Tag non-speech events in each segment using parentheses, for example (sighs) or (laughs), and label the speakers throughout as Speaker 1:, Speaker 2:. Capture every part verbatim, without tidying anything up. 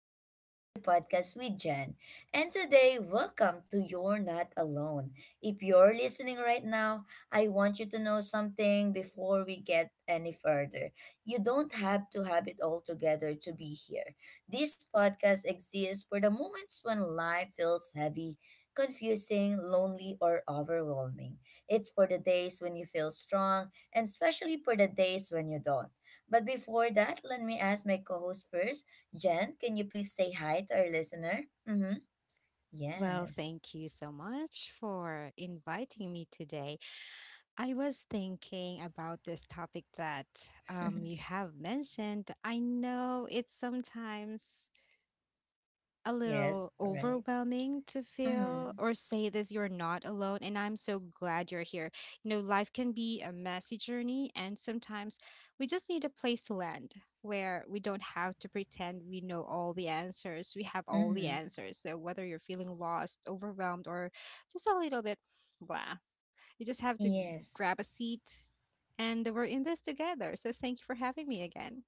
Speaker 1: back to another podcast with Jen. And today, welcome to You're Not Alone. If you're listening right now, I want you to know something before we get any further. You don't have to have it all together to be here. This podcast exists for the moments when life feels heavy, confusing, lonely, or overwhelming. It's for the days when you feel strong, and especially for the days when you don't. But before that, let me ask my co host first. Jen, can you please say hi to our listener? Mm-hmm.
Speaker 2: Well,
Speaker 1: Yes.
Speaker 2: thank you so much for inviting me today. I was thinking about this topic that um, you have mentioned. I know it's sometimes a little
Speaker 1: Yes, right.
Speaker 2: overwhelming to feel
Speaker 1: Mm-hmm.
Speaker 2: or say this you're not alone and I'm so glad you're here you know Life can be a messy journey, and sometimes we just need a place to land where we don't have to pretend we know all the answers, we have all the
Speaker 1: Mm-hmm.
Speaker 2: answers. So whether you're feeling lost, overwhelmed, or just a little bit blah, you just have to grab
Speaker 1: Yes.
Speaker 2: a seat, and we're in this together. So thank you for having me again.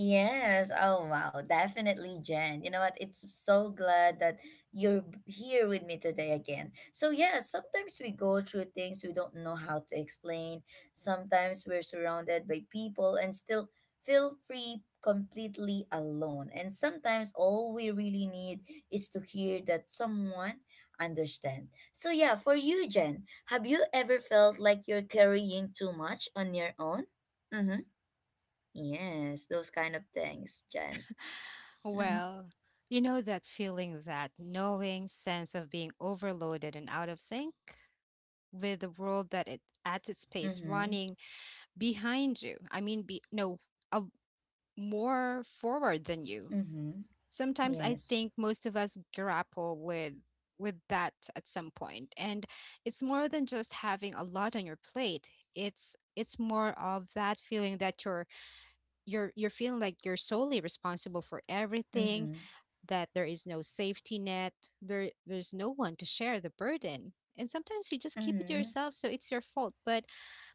Speaker 1: Yes. Oh, wow. Definitely, Jen. You know what? It's so glad that you're b- here with me today again. So, yeah, sometimes we go through things we don't know how to explain. Sometimes we're surrounded by people and still feel free completely alone. And sometimes all we really need is to hear that someone understand. So, yeah, for you, Jen, have you ever felt like you're carrying too much on your own? Mm-hmm. Yes, those kind of things, Jen. (laughs) Mm-hmm.
Speaker 2: Well, you know that feeling, that knowing sense of being overloaded and out of sync with the world, that it at its pace running behind you. I mean, be, no, uh, more forward than you.
Speaker 1: Mm-hmm.
Speaker 2: Sometimes I
Speaker 1: Yes.
Speaker 2: think most of us grapple with with that at some point, and it's more than just having a lot on your plate. It's it's more of that feeling that you're you're you're feeling like you're solely responsible for everything,
Speaker 1: Mm-hmm.
Speaker 2: that there is no safety net, there there's no one to share the burden. And sometimes you just keep it to
Speaker 1: Mm-hmm.
Speaker 2: yourself, so it's your fault. But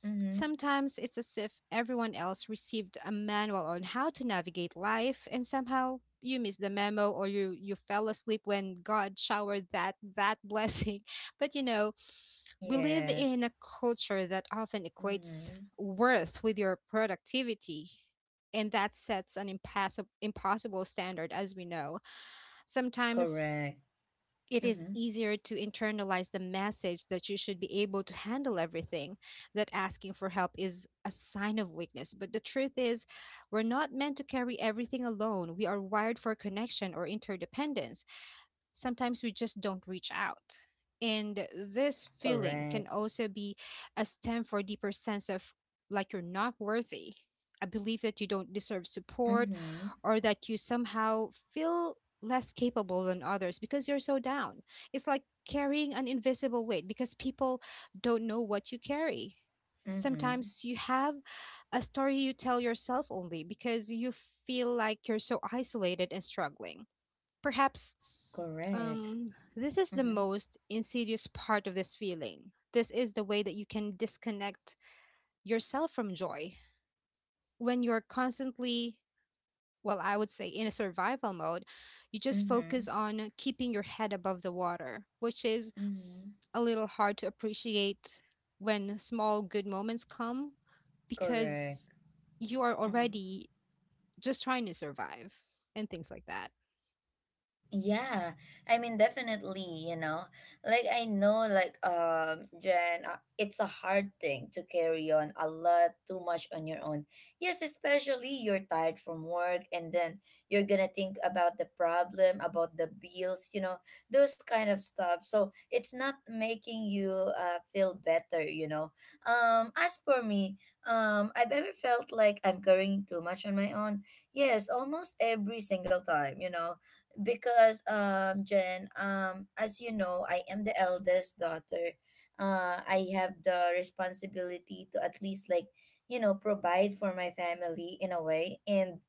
Speaker 1: Mm-hmm.
Speaker 2: sometimes it's as if everyone else received a manual on how to navigate life, and somehow you miss the memo or you you fell asleep when God showered that that blessing. (laughs) But you know, we live in
Speaker 1: Yes.
Speaker 2: a culture that often equates
Speaker 1: Mm-hmm.
Speaker 2: worth with your productivity. And that sets an impassible, impossible standard, as we know. Sometimes
Speaker 1: Correct.
Speaker 2: it is
Speaker 1: Mm-hmm.
Speaker 2: easier to internalize the message that you should be able to handle everything, that asking for help is a sign of weakness. But the truth is, we're not meant to carry everything alone. We are wired for connection or interdependence. Sometimes we just don't reach out. And this feeling can
Speaker 1: Correct.
Speaker 2: also be a stem for a deeper sense of like you're not worthy, a belief that you don't deserve support,
Speaker 1: Mm-hmm.
Speaker 2: or that you somehow feel less capable than others because you're so down. It's like carrying an invisible weight because people don't know what you carry.
Speaker 1: Mm-hmm.
Speaker 2: Sometimes you have a story you tell yourself only because you feel like you're so isolated and struggling. Perhaps
Speaker 1: Correct.
Speaker 2: um, this is the
Speaker 1: Mm-hmm.
Speaker 2: most insidious part of this feeling. This is the way that you can disconnect yourself from joy. When you're constantly, well, I would say in a survival mode, you just
Speaker 1: Mm-hmm.
Speaker 2: focus on keeping your head above the water, which is
Speaker 1: Mm-hmm.
Speaker 2: a little hard to appreciate when small good moments come because
Speaker 1: Correct.
Speaker 2: you are
Speaker 1: Mm-hmm.
Speaker 2: already just trying to survive and things like that.
Speaker 1: Yeah, I mean definitely, you know. Like I know like um Jen, uh, it's a hard thing to carry on a lot too much on your own. Yes, especially you're tired from work and then you're going to think about the problem, about the bills, you know, those kind of stuff. So, it's not making you uh, feel better, you know. Um as for me, um I've ever felt like I'm carrying too much on my own. Yes, almost every single time, you know, because um Jen, um as you know, I am the eldest daughter. Uh I have the responsibility to at least like, you know, provide for my family in a way, and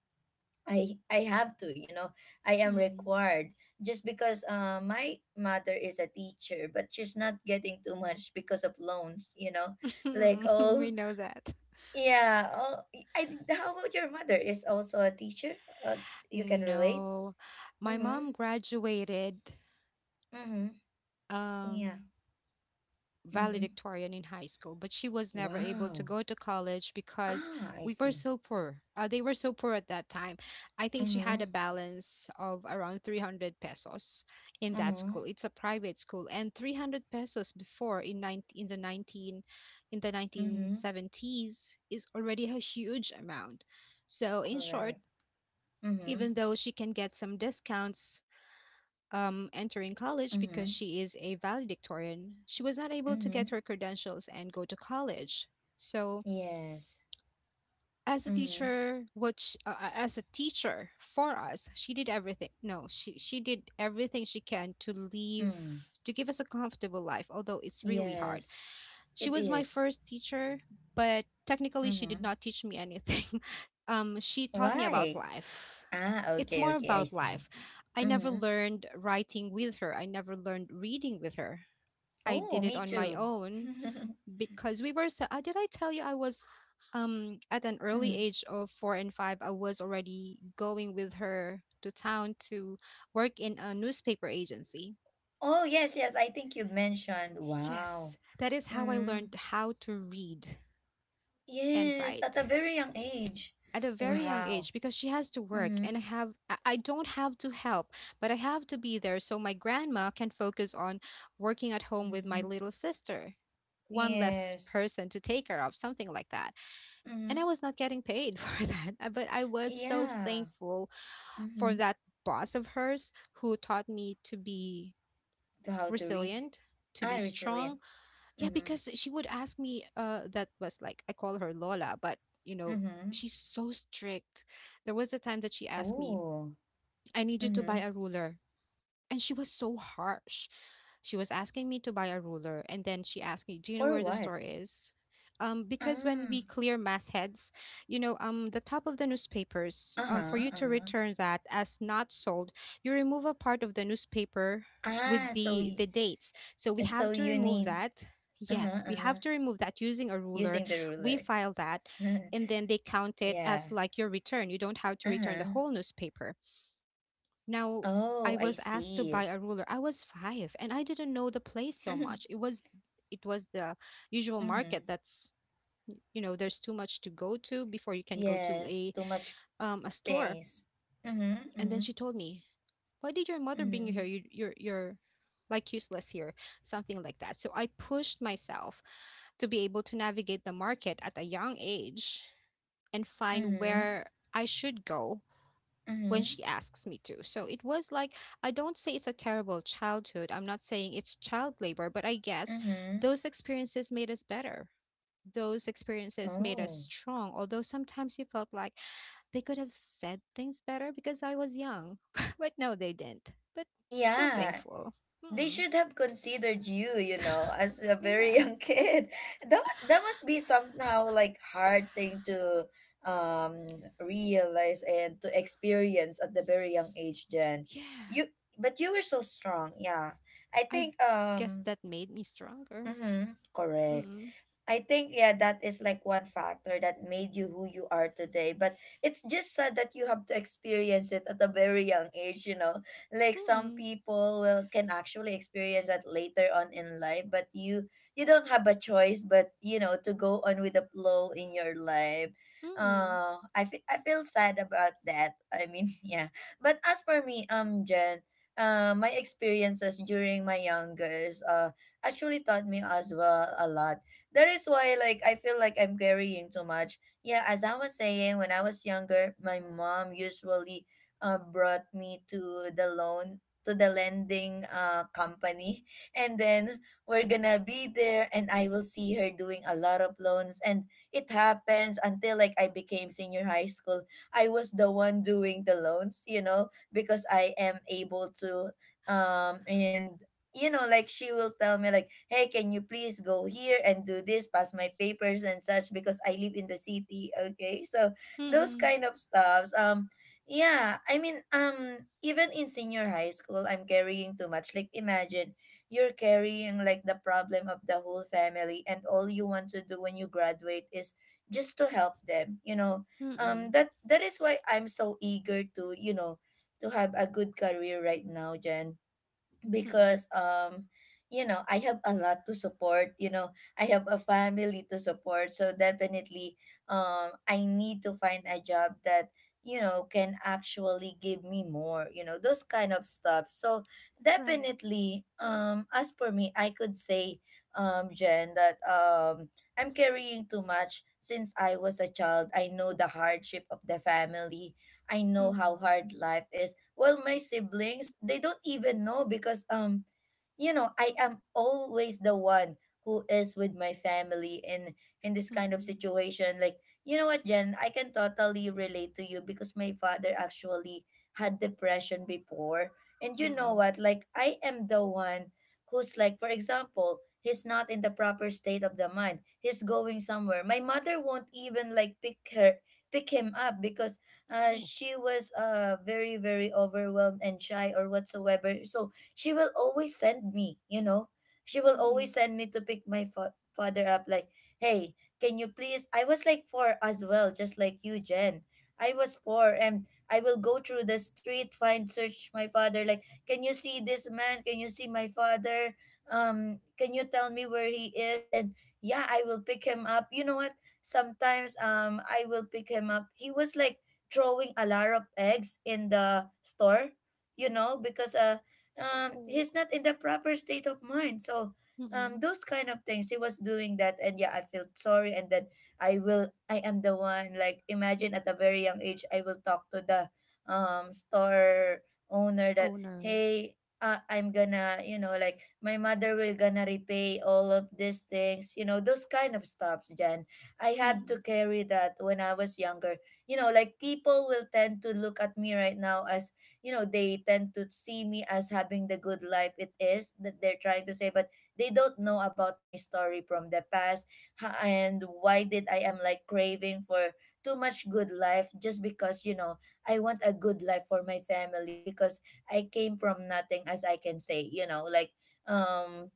Speaker 1: I I have to, you know. I am
Speaker 2: Mm.
Speaker 1: required just because uh, my mother is a teacher, but she's not getting too much because of loans, you know. Like
Speaker 2: (laughs)
Speaker 1: all,
Speaker 2: We know that.
Speaker 1: yeah, all, I think- how about your mother is also a teacher? Uh, you can relate?
Speaker 2: No, my
Speaker 1: Mhm.
Speaker 2: mom graduated
Speaker 1: Mhm. Yeah.
Speaker 2: um,
Speaker 1: Mm-hmm.
Speaker 2: valedictorian in high school, but she was never able to
Speaker 1: Wow.
Speaker 2: go to college because
Speaker 1: Ah, I
Speaker 2: we were
Speaker 1: see.
Speaker 2: so poor. Uh, they were so poor at that time. I think she had a
Speaker 1: Mm-hmm.
Speaker 2: balance of around three hundred pesos in that school.
Speaker 1: Mm-hmm.
Speaker 2: It's a private school, and three hundred pesos before in 19, in the 19 in the
Speaker 1: Mm-hmm.
Speaker 2: nineteen seventies is already a huge amount. So in short,
Speaker 1: Correct. Mm-hmm.
Speaker 2: even though she can get some discounts um, entering college because
Speaker 1: Mm-hmm.
Speaker 2: she is a valedictorian, she was not able to
Speaker 1: Mm-hmm.
Speaker 2: get her credentials and go to college. So,
Speaker 1: Yes.
Speaker 2: as a
Speaker 1: Mm-hmm.
Speaker 2: teacher, which uh, uh, as a teacher for us, she did everything. No, she she did everything she can to leave
Speaker 1: Mm.
Speaker 2: to give us a comfortable life, although it's really hard.
Speaker 1: Yes.
Speaker 2: She
Speaker 1: It
Speaker 2: was my
Speaker 1: is.
Speaker 2: first teacher, but technically she did
Speaker 1: Mm-hmm.
Speaker 2: not teach me anything. (laughs) Um, she taught me about
Speaker 1: Why?
Speaker 2: life.
Speaker 1: Ah,
Speaker 2: It's
Speaker 1: okay,
Speaker 2: more
Speaker 1: okay, I
Speaker 2: about
Speaker 1: see.
Speaker 2: life. I never
Speaker 1: Mm-hmm.
Speaker 2: learned writing with her. I never learned reading with her. I
Speaker 1: Oh,
Speaker 2: did it
Speaker 1: me
Speaker 2: on my
Speaker 1: too.
Speaker 2: own
Speaker 1: (laughs)
Speaker 2: because we were so, uh, did I tell you I was um at an early
Speaker 1: Mm.
Speaker 2: age of four and five I was already going with her to town to work in a newspaper agency.
Speaker 1: Oh, yes, yes. I think you mentioned. Wow.
Speaker 2: Yes, that is how I
Speaker 1: Mm.
Speaker 2: learned how to read and
Speaker 1: Yes, at a
Speaker 2: write,
Speaker 1: very young age.
Speaker 2: at a very young
Speaker 1: Wow.
Speaker 2: age, because she has to work and
Speaker 1: Mm-hmm.
Speaker 2: I have I I don't have to help, but I have to be there so my grandma can focus on working at home with my
Speaker 1: Mm-hmm.
Speaker 2: little sister. One less
Speaker 1: Yes.
Speaker 2: person to take care of, something like that. And I
Speaker 1: Mm-hmm.
Speaker 2: was not getting paid (laughs) for that, uh, but I was so
Speaker 1: Yeah.
Speaker 2: thankful for
Speaker 1: Mm-hmm.
Speaker 2: that boss of hers who taught me to be
Speaker 1: To how to read
Speaker 2: resilient, to be
Speaker 1: and resilient.
Speaker 2: strong, yeah,
Speaker 1: Mm-hmm.
Speaker 2: because she would ask me, uh, that was like, I call her Lola, but you know,
Speaker 1: Mm-hmm.
Speaker 2: she's so strict. There was a time that she asked me,
Speaker 1: Ooh.
Speaker 2: I need you to buy
Speaker 1: Mm-hmm.
Speaker 2: a ruler. And she was so harsh. She was asking me to buy a ruler, and then she asked me, "Do you know
Speaker 1: For
Speaker 2: where the store
Speaker 1: what?
Speaker 2: is?" Um, because when
Speaker 1: Ah.
Speaker 2: we clear mass heads, you know, um, the top of the newspapers, um,
Speaker 1: Uh-huh.
Speaker 2: for you to
Speaker 1: Uh-huh.
Speaker 2: return that as not sold, you remove a part of the newspaper
Speaker 1: Ah,
Speaker 2: with
Speaker 1: so
Speaker 2: the
Speaker 1: y-
Speaker 2: the dates. So we
Speaker 1: so
Speaker 2: have to
Speaker 1: you
Speaker 2: remove
Speaker 1: need.
Speaker 2: that.
Speaker 1: Uh-huh.
Speaker 2: Yes, we
Speaker 1: Uh-huh.
Speaker 2: have to remove that using a ruler.
Speaker 1: Using the
Speaker 2: We
Speaker 1: ruler.
Speaker 2: file that,
Speaker 1: (laughs)
Speaker 2: and then they count it
Speaker 1: Yeah.
Speaker 2: as like your return. You don't have to return the
Speaker 1: Uh-huh.
Speaker 2: whole newspaper. Now,
Speaker 1: Oh,
Speaker 2: I
Speaker 1: I
Speaker 2: was asked to buy
Speaker 1: see.
Speaker 2: a ruler. I was five and I didn't know the place so much.
Speaker 1: (laughs)
Speaker 2: It was it was the usual market
Speaker 1: Mm-hmm.
Speaker 2: that's y- you know, there's too much to go to before you can go to
Speaker 1: Yes,
Speaker 2: a
Speaker 1: too much
Speaker 2: um a store.
Speaker 1: things. Mm-hmm.
Speaker 2: And then
Speaker 1: Mm-hmm.
Speaker 2: she told me, Why did your mother bring you here?
Speaker 1: Mm-hmm.
Speaker 2: You you're you're like useless here, something like that. So I pushed myself to be able to navigate the market at a young age and find
Speaker 1: Mm-hmm.
Speaker 2: where I should go when
Speaker 1: Mm-hmm.
Speaker 2: she asks me to. So it was like, I don't say it's a terrible childhood. I'm not saying it's child labor, but I guess
Speaker 1: Mm-hmm.
Speaker 2: those experiences made us better. Those experiences made us
Speaker 1: Oh.
Speaker 2: strong, although sometimes you felt like they could have said things better because I was young. (laughs) But no, they didn't. But still
Speaker 1: Yeah,
Speaker 2: thankful.
Speaker 1: they
Speaker 2: Hmm.
Speaker 1: should have considered you, you know, as a
Speaker 2: (laughs)
Speaker 1: very
Speaker 2: Yeah.
Speaker 1: young (laughs) kid. That mu- that must be somehow like hard thing to um realize and to experience at the very young age, Jen.
Speaker 2: Yeah.
Speaker 1: You but you were so strong, yeah. I
Speaker 2: I
Speaker 1: think
Speaker 2: guess
Speaker 1: um
Speaker 2: that made me stronger.
Speaker 1: mm-hmm, correct.
Speaker 2: Mm-mm.
Speaker 1: I think yeah, that is like one factor that made you who you are today. But it's just sad that you have to experience it at a very young age, you know. Like some
Speaker 2: Mm-mm.
Speaker 1: people will can actually experience that later on in life, but you you don't have a choice but, you know, to go on with the flow in your life.
Speaker 2: Mm-mm.
Speaker 1: Uh I fe- I feel sad about that. I mean, (laughs) yeah. But as for me, um Jen, uh my experiences during my youngest uh actually taught me as well a lot, that is why like I feel like I'm carrying too much. Yeah, as I was saying, when I was younger, my mom usually uh, brought me to the loan to the lending uh, company, (laughs) and then we're gonna be there, and I will see her doing a lot of loans. And it happens until like I became senior high school. I was the one doing the loans, you know, because I am able to. Um and, you know, like she will tell me like, "Hey, can you please go here and do this, pass my papers and such because I live in the city." Okay? So, those
Speaker 2: Mm-mm.
Speaker 1: kind of stuffs. Um yeah, I mean, um even in senior high school, I'm carrying too much. Like imagine you're carrying like the problem of the whole family, and all you want to do when you graduate is just to help them, you know. Um
Speaker 2: Mm-mm.
Speaker 1: that that is why I'm so eager to, you know, to have a good career right now, Jen,
Speaker 2: Mm-mm.
Speaker 1: because um you know, I have a lot to support. You know, I have a family to support. So definitely, um I need to find a job that, you know, can actually give me more, you know, those kind of stuff. So
Speaker 2: Right.
Speaker 1: definitely, um as for me, I could say, um Jen, that um I'm carrying too much since I was a child. I know the hardship of the family. I know how
Speaker 2: Mm-mm.
Speaker 1: hard life is. Well, my siblings, they don't even know because um you know, I am always the one who is with my family in in this kind of
Speaker 2: Mm,
Speaker 1: situation. Like, you know what, Jen, I can totally relate to you because my father actually had depression before. And you know
Speaker 2: mm.
Speaker 1: what? Like, I am the one who's like, for example, he's not in the proper state of the mind. He's going somewhere. My mother won't even like pick her pick him up because uh,
Speaker 2: Oh.
Speaker 1: she was uh very very overwhelmed and shy or whatsoever. So she will always send me, you know she will always
Speaker 2: Mm.
Speaker 1: send me to pick my fa- father up. Like, hey, can you please, I was like four as well, just like you, Jen. I was poor, and I will go through the street, find search my father, like, can you see this man, can you see my father, um can you tell me where he is? And yeah, I will pick him up. You know what, sometimes um I will pick him up, he was like throwing a lot of eggs in the store, you know, because uh, um,
Speaker 2: Oh.
Speaker 1: he's not in the proper state of mind. So um,
Speaker 2: Mm.
Speaker 1: those kind of things, he was doing that, and yeah, I felt sorry. And then I will, I am the one. Like imagine at a very young age, I will talk to the um store owner that,
Speaker 2: Owner.
Speaker 1: hey. Uh, I'm gonna, you know, like my mother will gonna repay all of these things, you know, those kind of stuffs, Jen. I had to
Speaker 2: Mm.
Speaker 1: carry that when I was younger. You know, like people will tend to look at me right now, as, you know, they tend to see me as having the good life, it is that they're trying to say. But they don't know about my story from the past, ha- and why did I am like craving for too much good life, just because, you know, I want a good life for my family, because I came from nothing, as I can say, you know, like, um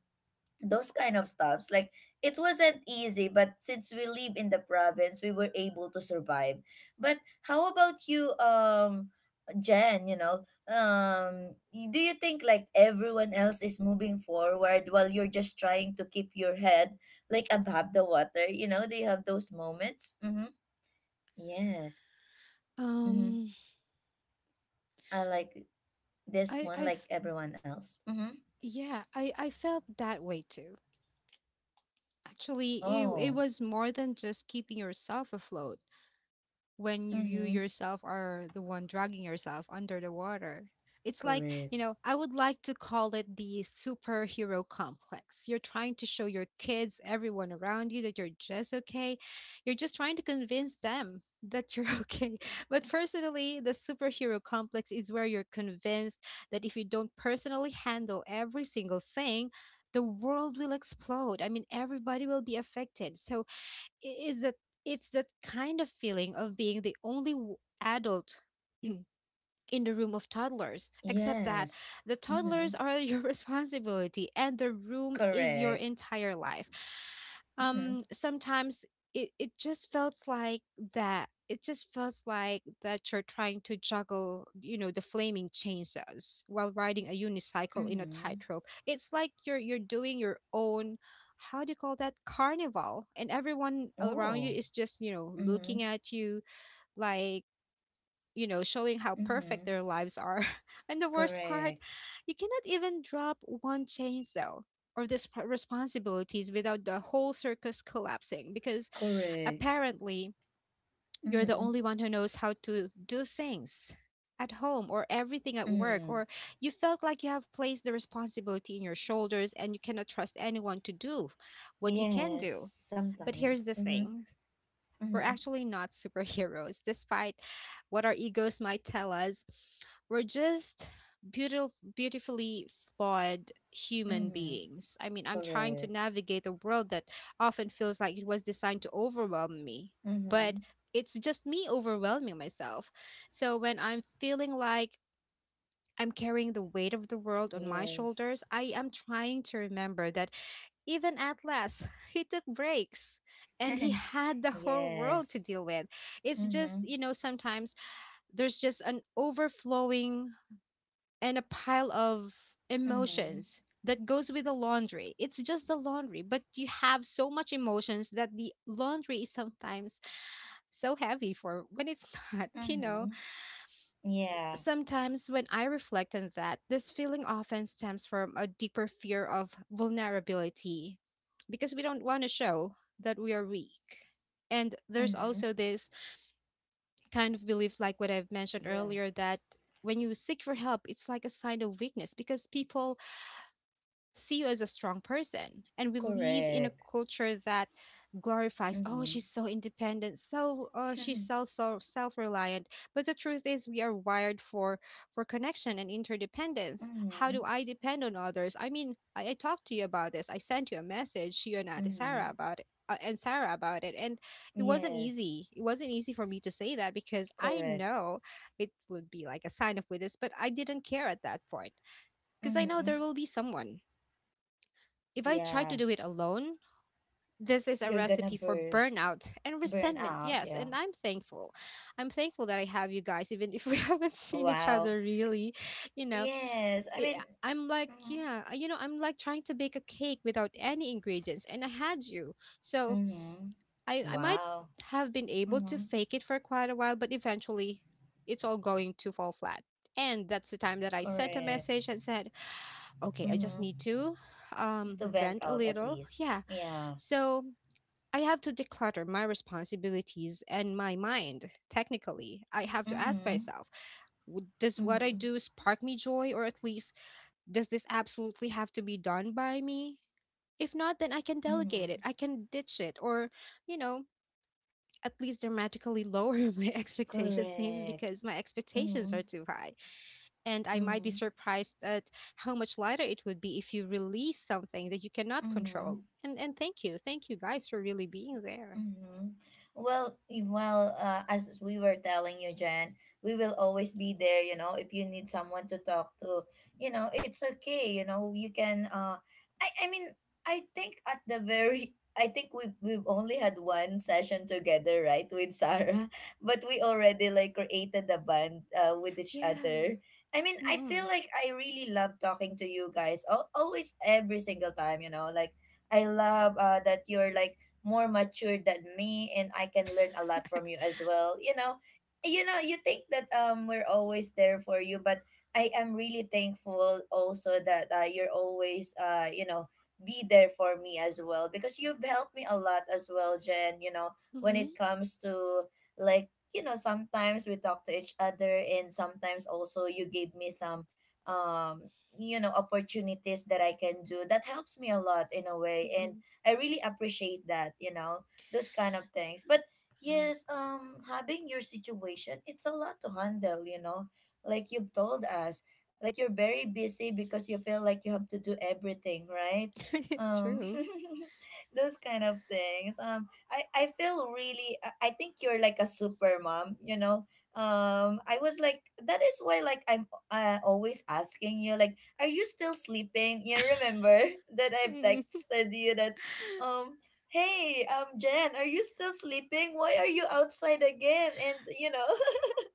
Speaker 1: those kind of stuffs. Like, it wasn't easy, but since we live in the province, we were able to survive. But how about you, um Jen? You know, um y- do you think like everyone else is moving forward while you're just trying to keep your head like above the water? You know, do you have those moments? Mm-hmm. Yes. Mm-hmm.
Speaker 2: Um,
Speaker 1: I like this
Speaker 2: I I
Speaker 1: one, like
Speaker 2: f-
Speaker 1: everyone else. Mm-hmm.
Speaker 2: yeah, I I felt that way too. Actually, it it
Speaker 1: Oh.
Speaker 2: was more than just keeping yourself afloat, when you,
Speaker 1: Mm-hmm.
Speaker 2: yourself, are the one dragging yourself under the water. It's like, you
Speaker 1: Correct.
Speaker 2: know, I would like to call it the superhero complex. You're trying to show your kids, everyone around you, that you're just okay. You're just trying to convince them that you're (laughs) okay. But personally, the superhero complex is where you're convinced that if you don't personally handle every single thing, the world will explode. I mean, everybody will be affected. So I- is that it's that kind of feeling of being the only w- adult (clears throat) in the room of toddlers, except that
Speaker 1: Yes.
Speaker 2: the toddlers
Speaker 1: Mm-hmm.
Speaker 2: are your (laughs) responsibility and the room is your
Speaker 1: Correct.
Speaker 2: entire life. Um,
Speaker 1: Mm-hmm.
Speaker 2: sometimes it, it just felt like that. It just feels like that you're trying to juggle, you know, the flaming chainsaws while riding a unicycle in a
Speaker 1: Mm-hmm.
Speaker 2: tightrope. It's like you're you're doing your own, how do you call that, carnival, and everyone around you
Speaker 1: Oh.
Speaker 2: is just, you know,
Speaker 1: Mm-hmm.
Speaker 2: looking at you like, you know, showing how perfect
Speaker 1: Mm-hmm.
Speaker 2: their lives are. (laughs) And the worst part,
Speaker 1: Correct.
Speaker 2: you cannot even drop one chainsaw or this p- responsibilities without the whole circus collapsing because
Speaker 1: Correct.
Speaker 2: apparently you're the
Speaker 1: Mm-hmm.
Speaker 2: only one who knows how to do things at home or everything at work,
Speaker 1: Mm-hmm.
Speaker 2: or you felt like you have placed the responsibility in your shoulders and you cannot trust anyone to do what you can
Speaker 1: Yes.
Speaker 2: do. But here's
Speaker 1: Sometimes.
Speaker 2: the
Speaker 1: Mm-hmm.
Speaker 2: thing. We're
Speaker 1: Mm-hmm.
Speaker 2: actually not superheroes, despite what our egos might tell us. We're just beautiful, beautifully flawed human
Speaker 1: Mm-hmm.
Speaker 2: beings. I mean, I'm trying to
Speaker 1: Correct.
Speaker 2: navigate a world that often feels like it was designed to overwhelm me,
Speaker 1: Mm-hmm.
Speaker 2: but it's just me overwhelming myself. So when I'm feeling like I'm carrying the weight of the world on my
Speaker 1: Yes.
Speaker 2: shoulders, I am trying to remember that even at last, he took breaks and he
Speaker 1: (laughs)
Speaker 2: had the whole world to
Speaker 1: Yes.
Speaker 2: deal with. It's just,
Speaker 1: Mm-hmm.
Speaker 2: you know, sometimes there's just an overflowing and a pile of
Speaker 1: Mm-hmm.
Speaker 2: emotions that goes with the laundry. It's just the laundry, but you have so much emotions that the laundry is sometimes so heavy for when it's (laughs) not, you know.
Speaker 1: Mm-hmm. Yeah.
Speaker 2: Sometimes, when I reflect on that, this feeling often stems from a deeper fear of vulnerability because we don't want to show that we are weak. And there's
Speaker 1: Mm-hmm.
Speaker 2: also this kind of belief, like what I've mentioned
Speaker 1: Yeah.
Speaker 2: earlier, that when you seek for help, it's like a sign of weakness because people see you as a strong person. And we live in a
Speaker 1: Correct.
Speaker 2: culture that glorifies, oh,
Speaker 1: Mm-hmm.
Speaker 2: she's so independent, so uh, she's so so self-reliant. But the truth is, we are wired for for connection and interdependence. How do
Speaker 1: Mm-hmm.
Speaker 2: I depend on others? I mean, I, I talked to you about this. I sent you a message, you and Ate
Speaker 1: Mm-hmm.
Speaker 2: Sarah about it. Uh, and Sarah about it, and it wasn't
Speaker 1: Yes.
Speaker 2: easy. It wasn't easy for me to say that because I
Speaker 1: Correct.
Speaker 2: know it would be like a sign of weakness, but I didn't care at that point because I know
Speaker 1: Mm-hmm.
Speaker 2: there will be someone if I try to
Speaker 1: Yeah.
Speaker 2: do it alone, this is a
Speaker 1: You're gonna
Speaker 2: recipe for
Speaker 1: burst
Speaker 2: burnout and
Speaker 1: burn
Speaker 2: resentment.
Speaker 1: out,
Speaker 2: Yes,
Speaker 1: yeah.
Speaker 2: and I'm thankful. I'm thankful that I have you guys, even if we (laughs) haven't seen each
Speaker 1: Wow.
Speaker 2: other really. You know,
Speaker 1: Yes, I
Speaker 2: I-
Speaker 1: mean,
Speaker 2: I'm like,
Speaker 1: mm-hmm,
Speaker 2: yeah, I- you know, I'm like trying to bake a cake without any ingredients, and I had you. So
Speaker 1: mm-hmm.
Speaker 2: I, I might
Speaker 1: Wow.
Speaker 2: have been able to
Speaker 1: Mm-hmm.
Speaker 2: fake it for quite a while, but eventually it's all going to fall flat. And that's the time that I sent a
Speaker 1: Correct.
Speaker 2: message and said, okay, I just need
Speaker 1: Mm-hmm.
Speaker 2: to
Speaker 1: It's
Speaker 2: um,
Speaker 1: to vent
Speaker 2: vent a
Speaker 1: out, at
Speaker 2: little.
Speaker 1: least,
Speaker 2: Yeah,
Speaker 1: yeah.
Speaker 2: so I have to declutter my responsibilities and my mind. Technically, I have to ask
Speaker 1: Mm-hmm,
Speaker 2: myself w- does what I
Speaker 1: mm-hmm,
Speaker 2: do spark me joy, or at least does this absolutely have to be done by me? If not, then I can delegate it,
Speaker 1: mm-hmm.
Speaker 2: I can ditch it, or, you know, at least dramatically lower (laughs) my expectations, maybe
Speaker 1: Correct.
Speaker 2: because my expectations
Speaker 1: Mm-hmm,
Speaker 2: are too high. And I might be
Speaker 1: mm-hmm,
Speaker 2: surprised at how much lighter it would be if you release something that you cannot
Speaker 1: mm-hmm.
Speaker 2: control. And, and thank you. Thank you guys for really being there.
Speaker 1: Mm-hmm. Well, y- well, uh, as we were telling you, Jen, we will always be there. You know, if you need someone to talk to, you know, it's okay. You know, you can. Uh, I, I mean, I think at the very, I think we we've only had one session together, right, with Sarah, (laughs) but we already like created a bond uh, with each
Speaker 2: Yeah.
Speaker 1: other. I mean, I
Speaker 2: Mm-mm.
Speaker 1: feel like I really love talking to you guys. Al Always, every single time. You know, like I love uh, that you're like more mature than me, and I can learn a lot from you as well. You know, you know, you think that um we're always there for you, but I am really thankful also that uh, you're always uh you know be there for me as well because you've helped me a lot as well, Jen, you know, when it
Speaker 2: Mm-mm.
Speaker 1: comes to like you know sometimes we talk to each other and sometimes also you gave me some um you know opportunities that I can do that helps me a lot in a way, and
Speaker 2: Mm-mm.
Speaker 1: I really appreciate that, you know, those kind of things. But
Speaker 2: Uh,
Speaker 1: yes, um having your situation, it's a lot to handle, you know. Like you've told us, like you're very busy because you feel like you have to do everything, right?
Speaker 2: (laughs)
Speaker 1: Um
Speaker 2: True.
Speaker 1: (laughs) those kind of things. Um I I feel really, I I think you're like a super mom, you know. Um I was like, that is why like I'm uh, always asking you like, are you still sleeping? You remember (laughs) that I've
Speaker 2: Mm-mm.
Speaker 1: texted you that um, hey, um, Jen, are you still sleeping? Why are you outside again? And you know, (laughs)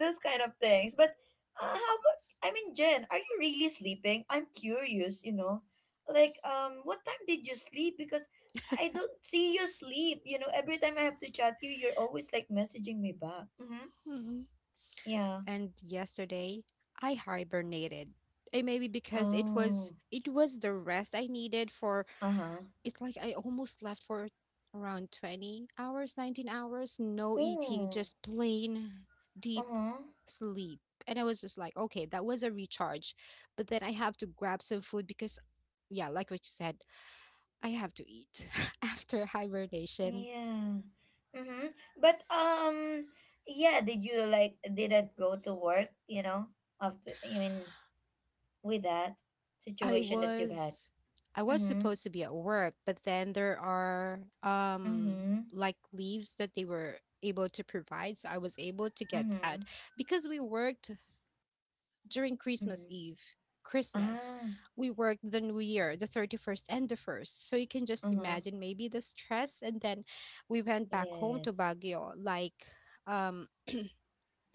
Speaker 1: those kind of things. But uh, how about, I mean, Jen, are you really sleeping? I'm curious, you know. Like, um, what time did you sleep? Because I don't see you sleep. You know, every time I have to chat you, you're always like messaging me back. Mm-hmm.
Speaker 2: Mm-mm.
Speaker 1: Yeah.
Speaker 2: And yesterday, I hibernated. Eh, Maybe because it was
Speaker 1: Oh.
Speaker 2: it was the rest I needed for
Speaker 1: Uh-huh.
Speaker 2: it. Like I almost left for around twenty hours, nineteen hours, no eating,
Speaker 1: Oh.
Speaker 2: just plain deep
Speaker 1: Uh-huh.
Speaker 2: sleep. And I was just like, okay, that was a recharge. But then I have to grab some food because yeah, like what you said, I have to eat (laughs) after hibernation.
Speaker 1: Yeah. Mm-hmm. But um yeah, did you like didn't go to work, you know, after, I mean, with that
Speaker 2: I
Speaker 1: situation that you've had?
Speaker 2: was I was
Speaker 1: Mm-hmm.
Speaker 2: supposed to be at work, but then there are um
Speaker 1: Mm-hmm.
Speaker 2: like leaves that they were able to provide, so I was able to get
Speaker 1: Mm-hmm.
Speaker 2: that because we worked during Christmas
Speaker 1: Mm-hmm.
Speaker 2: Eve, Christmas.
Speaker 1: Ah.
Speaker 2: We worked the New Year, the thirty-first and the first. So you can just
Speaker 1: Uh-huh.
Speaker 2: imagine maybe the stress, and then we went back home to
Speaker 1: Yes.
Speaker 2: Baguio, like, um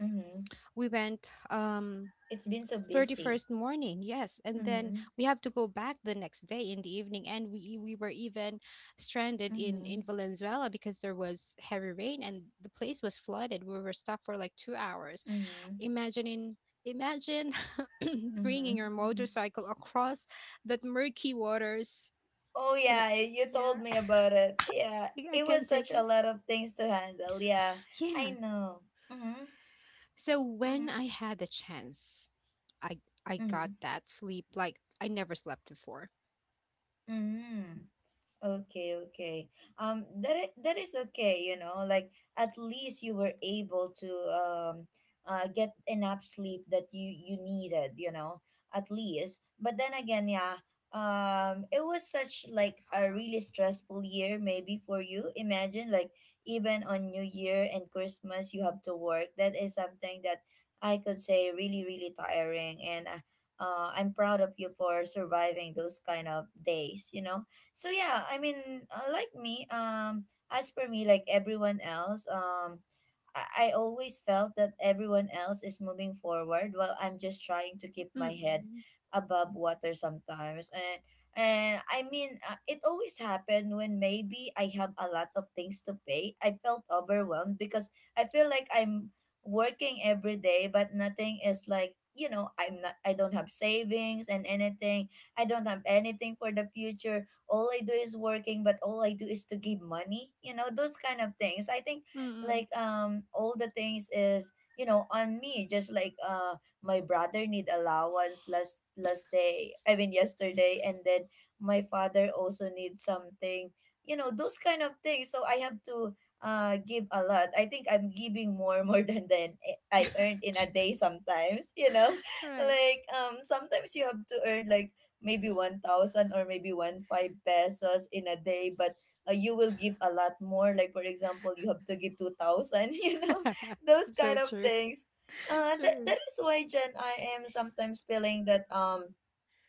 Speaker 1: Mm-hmm.
Speaker 2: we went, um
Speaker 1: It's been so busy.
Speaker 2: thirty-first morning, yes, and then
Speaker 1: Mm-hmm.
Speaker 2: we have to go back the next day in the evening. And we e, we were even stranded in in
Speaker 1: Mm-hmm.
Speaker 2: Valenzuela because there was heavy rain and the place was flooded. We were stuck for like two hours.
Speaker 1: Mm-hmm.
Speaker 2: Imagine, imagine (coughs) (clears throat)
Speaker 1: Mm-hmm.
Speaker 2: bringing your
Speaker 1: Mm-hmm.
Speaker 2: motorcycle across that murky waters.
Speaker 1: Oh
Speaker 2: And
Speaker 1: yeah, y- you
Speaker 2: yeah,
Speaker 1: told
Speaker 2: (laughs)
Speaker 1: me about it. Yeah.
Speaker 2: I
Speaker 1: It was
Speaker 2: can't
Speaker 1: such
Speaker 2: take
Speaker 1: a
Speaker 2: it.
Speaker 1: lot of things to handle. Yeah. I
Speaker 2: Yeah,
Speaker 1: know. Mm-hmm.
Speaker 2: so when
Speaker 1: Mm-hmm.
Speaker 2: I had the chance, I I got
Speaker 1: Mm-hmm.
Speaker 2: that sleep like I never slept before.
Speaker 1: 嗯，okay, okay. Um, that i- that is okay, you know, like, at least you were able to um uh get enough sleep that you you needed, you know, at least. But then again, yeah, um it was such like a really stressful year maybe for you. Imagine, like, even on New Year and Christmas you have to work. That is something that I could say really really tiring, and uh, uh, I'm proud of you for surviving those kind of days, you know so yeah, I mean, uh, like me, um as for me, like everyone else, um I, I always felt that everyone else is moving forward while I'm just trying to keep my head
Speaker 2: Mm
Speaker 1: above water sometimes. And and I mean, uh, it always happened when maybe I have a lot of things to pay. I felt overwhelmed because I feel like I'm working every day, but nothing is like, you know i'm not I don't have savings and anything. I don't have anything for the future. All I do is working, but all I do is to give money. You know, those kind of things. I think, like,
Speaker 2: Mm.
Speaker 1: um all the things is, you know on me. Just like uh my brother need allowance last last day. I mean yesterday, and then my father also needs something. You know those kind of things. So I have to uh give a lot. I think I'm giving more (laughs) more than than I earned
Speaker 2: (laughs)
Speaker 1: in a day
Speaker 2: True.
Speaker 1: sometimes. You know, (laughs)
Speaker 2: Right.
Speaker 1: like, um sometimes you have to earn like maybe one thousand or maybe one five pesos in a day, but uh, you will give a lot more. Like, for example, you have to give two thousand, (laughs) you know, those
Speaker 2: (laughs)
Speaker 1: kind
Speaker 2: So
Speaker 1: of
Speaker 2: true.
Speaker 1: things. Uh, that,
Speaker 2: True.
Speaker 1: that is why, Jen, I am sometimes feeling that um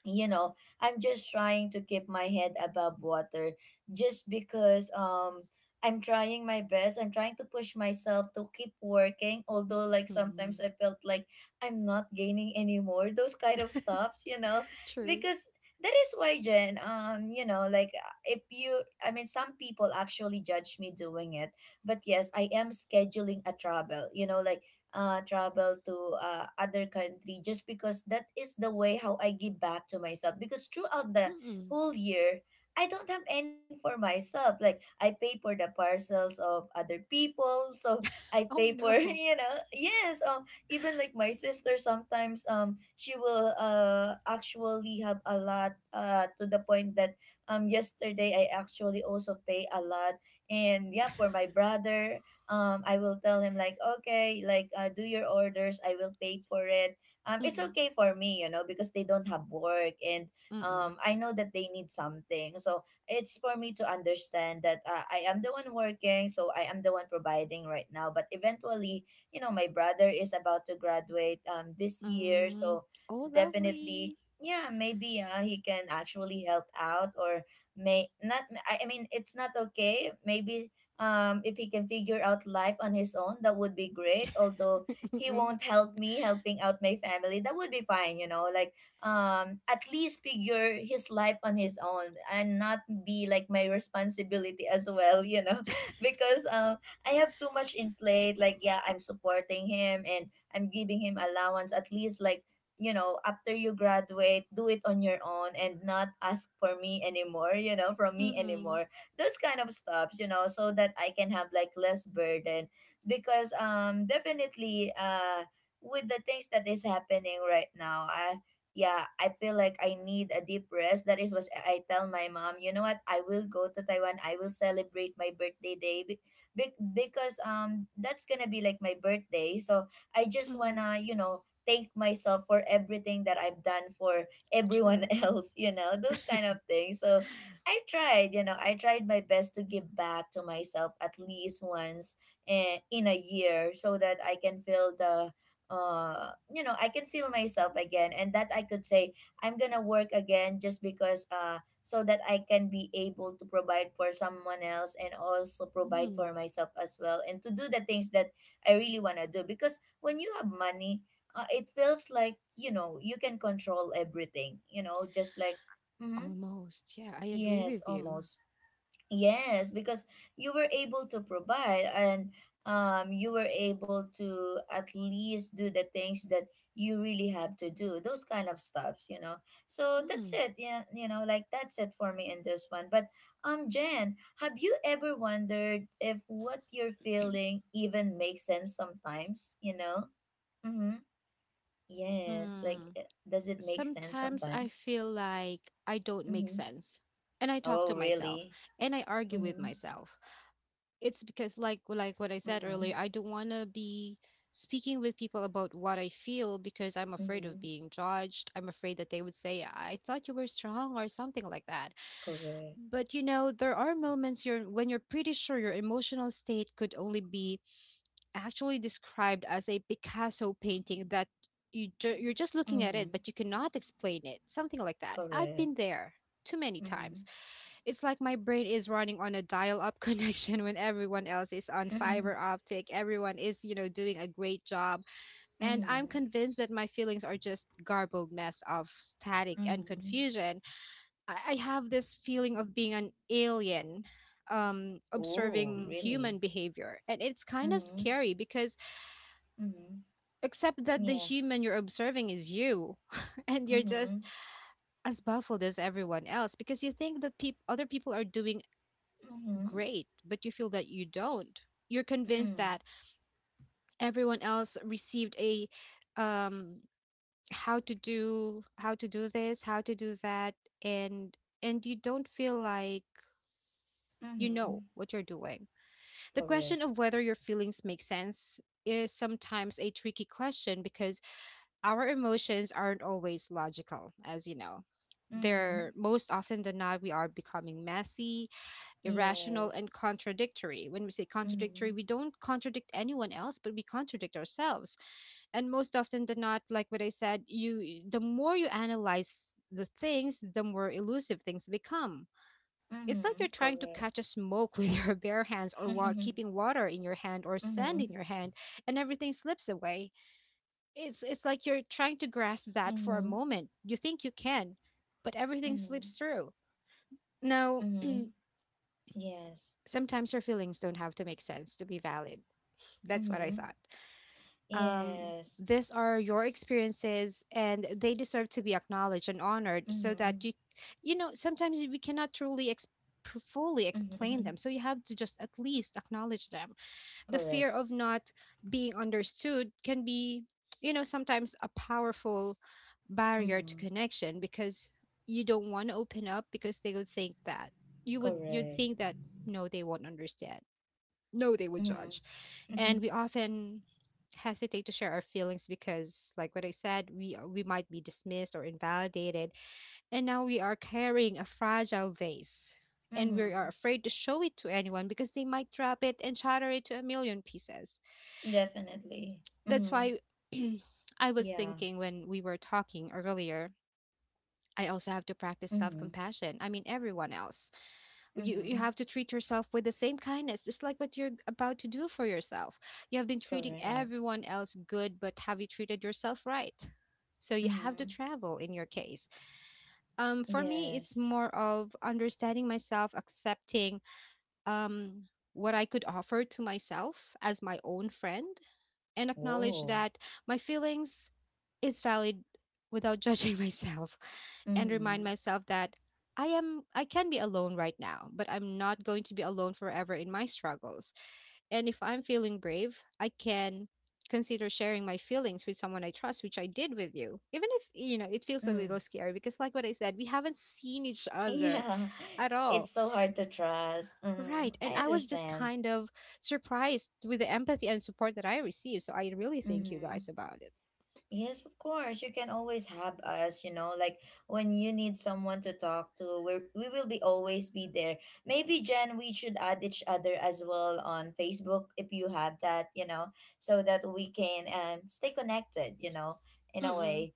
Speaker 1: you know I'm just trying to keep my head above water just because um I'm trying my best. I'm trying to push myself to keep working, although like
Speaker 2: Mm.
Speaker 1: sometimes I felt like I'm not gaining anymore, (laughs) those kind of stuffs, you know
Speaker 2: True.
Speaker 1: because that is why, Jen, um you know like, uh, if you I mean, some people actually judge me doing it. But yes, I am scheduling a travel, you know like, uh, travel to uh, other country, just because that is the way how I give back to myself, because throughout the
Speaker 2: Mm-mm.
Speaker 1: whole year I don't have anything for myself. Like, I pay for the parcels of other people, so I
Speaker 2: Oh,
Speaker 1: pay for, (laughs)
Speaker 2: no.
Speaker 1: you know yes, um even like my sister sometimes, um she will uh actually have a lot, uh to the point that um yesterday I actually also pay a lot. And yeah, for my brother, um I will tell him, like, okay, like, uh, do your orders, I will pay for it. Um it's
Speaker 2: Mm-mm.
Speaker 1: okay for me, you know because they don't have work. And
Speaker 2: Mm-mm.
Speaker 1: um I know that they need something, so it's for me to understand that uh, I am the one working, so I am the one providing right now. But eventually, you know my brother is about to graduate um this year,
Speaker 2: Mm.
Speaker 1: so
Speaker 2: Oh,
Speaker 1: definitely,
Speaker 2: lovely.
Speaker 1: yeah, maybe uh, he can actually help out, or may not. i I mean, it's not okay maybe. Um if he can figure out life on his own, that would be great, although
Speaker 2: (laughs)
Speaker 1: he
Speaker 2: Mm-mm.
Speaker 1: won't help me helping out my family, that would be fine. You know like, um at least figure his life on his own and not be like my responsibility as well, you know (laughs) because um I have too much in plate. Like, yeah, I'm supporting him and I'm giving him allowance, at least. Like, you know after you graduate, do it on your own and not ask for me anymore you know from me
Speaker 2: Mm-mm.
Speaker 1: anymore. Those kind of stuffs, you know so that I can have like less burden, because um definitely, uh with the things that is happening right now, I yeah, I feel like I need a deep rest. That is what I tell my mom. You know what, I will go to Taiwan, I will celebrate my birthday day be- be- because um that's gonna be like my birthday. So I just
Speaker 2: Mm-mm.
Speaker 1: wanna, you know thank myself for everything that I've done for everyone
Speaker 2: True.
Speaker 1: (laughs) else, you know those kind of things, so I tried, you know, I tried my best to give back to myself at least once, eh, in a year, so that I can feel the uh you know I can feel myself again, and that I could say I'm gonna work again, just because uh so that I can be able to provide for someone else, and also provide
Speaker 2: Mm.
Speaker 1: for myself as well, and to do the things that I really want to do. Because when you have money, uh, it feels like, you know you can control everything, you know just like, mhm.
Speaker 2: Almost. Yeah, I agree
Speaker 1: Yes,
Speaker 2: with you.
Speaker 1: almost. Yes, because you were able to provide, and um, you were able to at least do the things that you really have to do, those kind of stuffs, you know. So that's
Speaker 2: Mm.
Speaker 1: it. Yeah, you know, like, that's it for me in this one. But um, Jen, have you ever wondered if what you're feeling even makes sense sometimes, you know? Mm-hmm. Yes, like
Speaker 2: Mm.
Speaker 1: eh, does it make sense
Speaker 2: Sometimes I
Speaker 1: sometimes?
Speaker 2: feel like I don't make
Speaker 1: Mm-hmm.
Speaker 2: sense. And I talk to
Speaker 1: Oh,
Speaker 2: myself
Speaker 1: really?
Speaker 2: and I argue with
Speaker 1: Mm-hmm.
Speaker 2: myself. It's because like like what I said earlier,
Speaker 1: Mm-hmm.
Speaker 2: I don't want to be speaking with people about what I feel because I'm afraid of
Speaker 1: Mhm.
Speaker 2: being judged. I'm afraid that they would say, "I thought you were strong," or something like that.
Speaker 1: Correct.
Speaker 2: But you know, there are moments you're when you're pretty sure your emotional state could only be actually described as a Picasso painting that you ju- you're just looking at it,
Speaker 1: Mhm.
Speaker 2: but you cannot explain it. Something like that. I've been
Speaker 1: Correct.
Speaker 2: there too many times.
Speaker 1: Mhm.
Speaker 2: It's like my brain is running on a dial-up (laughs) connection when everyone else is on fiber optic. Everyone is, you know, doing a great job. And I'm
Speaker 1: Mhm.
Speaker 2: convinced that my feelings are just garbled mess of static and
Speaker 1: Mhm. (laughs)
Speaker 2: confusion. I, I have this feeling of being an alien um
Speaker 1: Oh,
Speaker 2: observing
Speaker 1: really?
Speaker 2: human behavior, and it's kind of
Speaker 1: Mhm.
Speaker 2: scary because,
Speaker 1: Mhm.
Speaker 2: except that the
Speaker 1: Yeah.
Speaker 2: human you're observing is you, (laughs) and you're just
Speaker 1: Mhm.
Speaker 2: as baffled as everyone else because you think that peop other people are doing
Speaker 1: Mhm.
Speaker 2: great, but you feel that you don't. You're convinced
Speaker 1: Mm.
Speaker 2: that everyone else received a, um how to do how to do this, how to do that, and and you don't feel like you know
Speaker 1: Mhm.
Speaker 2: what you're doing. The
Speaker 1: Correct.
Speaker 2: question of whether your feelings make sense is sometimes a tricky question because our emotions aren't always logical, as you know. They're
Speaker 1: Mhm.
Speaker 2: most often than not, we are becoming messy, irrational, and
Speaker 1: Yes.
Speaker 2: contradictory. When we say contradictory,
Speaker 1: Mhm.
Speaker 2: we don't contradict anyone else, but we contradict ourselves. And most often than not, like what I said, you the more you analyze the things, the more elusive things become. It's like you're
Speaker 1: Mhm.
Speaker 2: trying to
Speaker 1: Correct.
Speaker 2: catch a smoke (laughs) with your bare hands, or wa- keeping
Speaker 1: (laughs)
Speaker 2: water in your hand or sand in
Speaker 1: Mhm.
Speaker 2: your hand, and everything slips away. It's it's like you're trying to grasp that for a
Speaker 1: Mhm.
Speaker 2: moment. You think you can, but everything slips
Speaker 1: Mhm.
Speaker 2: through. Now,
Speaker 1: Mhm. Yes.
Speaker 2: sometimes your feelings don't have to make sense to be valid. That's what I
Speaker 1: Mhm.
Speaker 2: thought. Um,
Speaker 1: Yes.
Speaker 2: these are your experiences, and they deserve to be acknowledged and honored so that
Speaker 1: Mhm.
Speaker 2: you, you know, sometimes we cannot truly ex- fully explain
Speaker 1: Mhm.
Speaker 2: them.
Speaker 1: (laughs)
Speaker 2: So you have to just at least acknowledge them. The
Speaker 1: Correct.
Speaker 2: fear of not being understood can be, you know, sometimes a powerful barrier to
Speaker 1: Mhm.
Speaker 2: connection because you don't want to open up because they would think that you would you'd
Speaker 1: Correct.
Speaker 2: think that no, they won't understand, know they would
Speaker 1: Mhm.
Speaker 2: judge. And
Speaker 1: (laughs)
Speaker 2: we often hesitate to share our feelings because like what I said, we uh, we might be dismissed or invalidated. And now we are carrying a fragile vase, and we are
Speaker 1: Mm-hmm.
Speaker 2: afraid to show it to anyone because they might drop it and shatter it to a million pieces.
Speaker 1: Definitely.
Speaker 2: That's
Speaker 1: Mm-hmm.
Speaker 2: why (clears throat) I was
Speaker 1: Yeah.
Speaker 2: thinking, when we were talking earlier, I also have to practice self
Speaker 1: Mm-hmm.
Speaker 2: compassion. I mean, everyone else. you you
Speaker 1: Mm-hmm.
Speaker 2: have to treat yourself with the same kindness, just like what you're about to do for yourself. You have been treating
Speaker 1: Correct.
Speaker 2: everyone else good, but have you treated yourself right? So you have to
Speaker 1: Mm-hmm.
Speaker 2: travel in your case. Um for me, it's
Speaker 1: Yes.
Speaker 2: more of understanding myself, accepting, um what i could offer to myself as my own friend, and acknowledge
Speaker 1: Whoa.
Speaker 2: that my feelings is valid, without judging (laughs) myself, and remind
Speaker 1: Mm-hmm.
Speaker 2: myself that I am I can be alone right now, but I'm not going to be alone forever in my struggles. And if I'm feeling brave, I can consider sharing my feelings with someone I trust, which I did with you. Even if, you know, it feels a
Speaker 1: Mm.
Speaker 2: little
Speaker 1: (laughs)
Speaker 2: scary because like what I said, we haven't seen each other
Speaker 1: Yeah.
Speaker 2: at
Speaker 1: It's
Speaker 2: all.
Speaker 1: so hard to trust. Mm.
Speaker 2: Right.
Speaker 1: I
Speaker 2: And I was just
Speaker 1: understand.
Speaker 2: kind of surprised with the empathy and support that I received. So I really thank you
Speaker 1: Mm-hmm.
Speaker 2: guys about it.
Speaker 1: Yes, of course. You can always have us, you know, like, when you need someone to talk to, we're, we will be always be there. Maybe, Jen, we should add each other as well on Facebook if you have that, you know, so that we can, um, stay connected, you know, in a
Speaker 2: Mm-mm.
Speaker 1: way.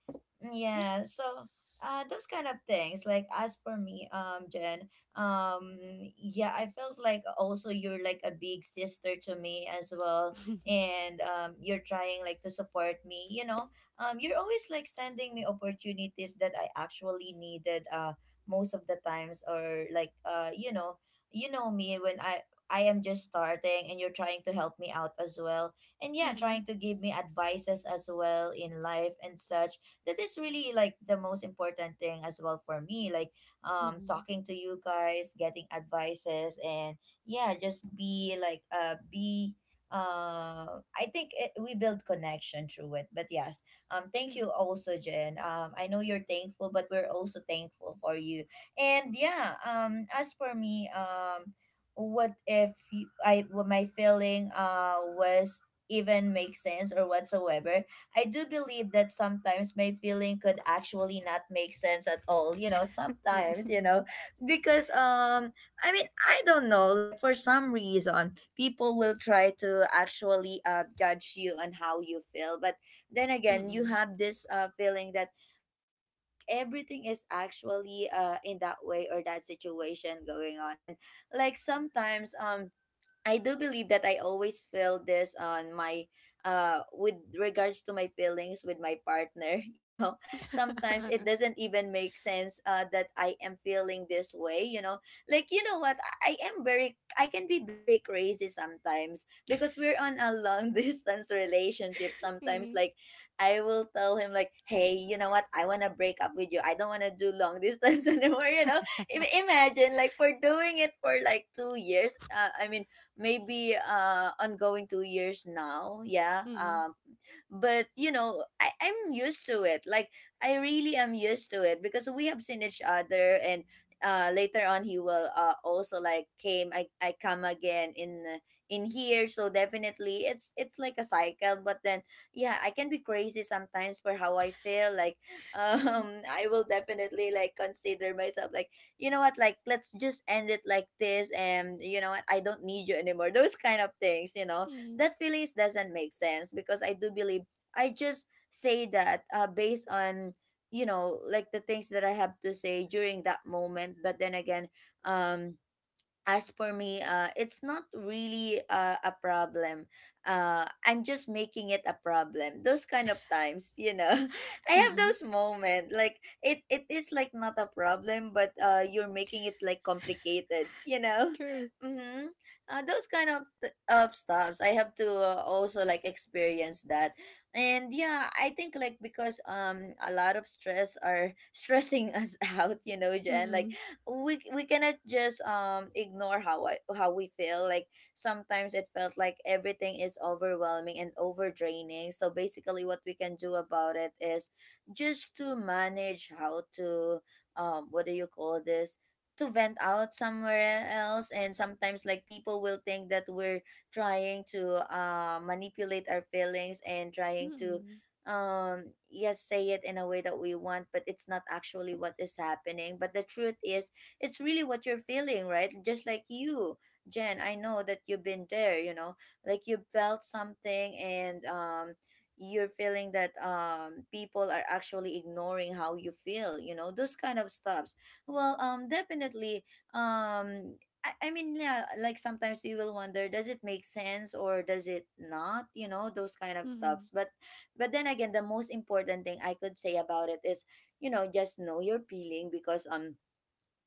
Speaker 2: Yeah.
Speaker 1: Yeah, so uh, those kind of things. Like, as for me, um, Jen, um, yeah, I felt like also you're like a big sister to me as well.
Speaker 2: (laughs)
Speaker 1: And um, you're trying like to support me, you know um, you're always like sending me opportunities that I actually needed, uh most of the times, or like, uh you know you know me when I I am just starting, and you're trying to help me out as well, and yeah,
Speaker 2: Mm-mm.
Speaker 1: trying to give me advices as well in life and such. That is really like the most important thing as well for me, like, um
Speaker 2: Mm-mm.
Speaker 1: talking to you guys, getting advices, and yeah, just be like, uh be, uh, I think it, we build connection through it. But yeah, um, thank
Speaker 2: True.
Speaker 1: you also, Jen. Um, I know you're thankful, but we're also thankful for you. And yeah, um, as for me, um, what if you, I what my feeling uh was even make sense or whatsoever? I do believe that sometimes my feeling could actually not make sense at all. You know, sometimes
Speaker 2: Mm-mm.
Speaker 1: you know because, um I mean, I don't know. Like for some reason, people will try to actually uh judge you on how you feel, but then again you
Speaker 2: Mm-mm.
Speaker 1: have this uh, feeling that um, you think everything is actually uh, in that way or that situation going on. And like sometimes um I do believe that I always feel this on my uh with regards to my feelings with my partner, (laughs) you know. Sometimes it
Speaker 2: (laughs)
Speaker 1: doesn't even make sense uh that I am feeling this way, you know. Like you know what, I I am very I can be very crazy sometimes because we're on a long (laughs) distance relationship sometimes.
Speaker 2: Mm-mm.
Speaker 1: Like I will tell him like, "Hey, you know what? I want to break up with you. I don't want to do long distance (laughs) anymore, you know." Im- Imagine like for doing it for like two years. Uh, I mean, maybe uh ongoing two years now, yeah.
Speaker 2: Mm-mm.
Speaker 1: Um but you know, I, i'm used to it, like I really am used to it because we have seen each other. And uh later on he will uh also like came, i i come again in uh, in here. So definitely it's it's like a cycle, but then yeah, I can be crazy sometimes for how I feel like. (laughs) um I will definitely like consider myself like, you know what, like, let's just end it like this. And you know what, I don't need you anymore. (laughs) Those kind of things, you know,
Speaker 2: Mm-mm. Mm-mm.
Speaker 1: that feelings doesn't make sense because I do believe I just say that uh, based on, you know, like the things that I have to say during that moment. But then again, um as for me, uh, it's not really uh, a problem. Uh, I'm just making it a problem, those kind of times, you know. (laughs) I have
Speaker 2: Mm-mm.
Speaker 1: those moments, like it. It is like not a problem, but uh, you're making it like complicated, you know. (laughs)
Speaker 2: True.
Speaker 1: Mm-hmm. Uh, those kind of th- of stuffs, I have to uh, also like experience that. And yeah, I think like because um a lot of stress are (laughs) stressing us out, you know, Jen. Like
Speaker 2: Mm-mm.
Speaker 1: we we cannot just um ignore how I, how we feel. Like sometimes it felt like everything is overwhelming and over draining, so basically what we can do about it is just to manage how to, um what do you call this, to vent out somewhere else. And sometimes like people will think that we're trying to uh, manipulate our feelings and trying to
Speaker 2: Mm-mm.
Speaker 1: um yes, say it in a way that we want, but it's not actually what is happening. But the truth is, it's really what you're feeling, right? Just like you, Jen, I know that you've been there, you know, like you felt something, and um you're feeling that um people are actually ignoring how you feel, you know, those kind of stuffs. Well, um definitely, um I I mean, yeah, like sometimes you will wonder, does it make sense or does it not? You know, those kind of
Speaker 2: Mm-mm.
Speaker 1: stuffs. But but then again, the most important thing I could say about it is, you know, just know your feeling, because um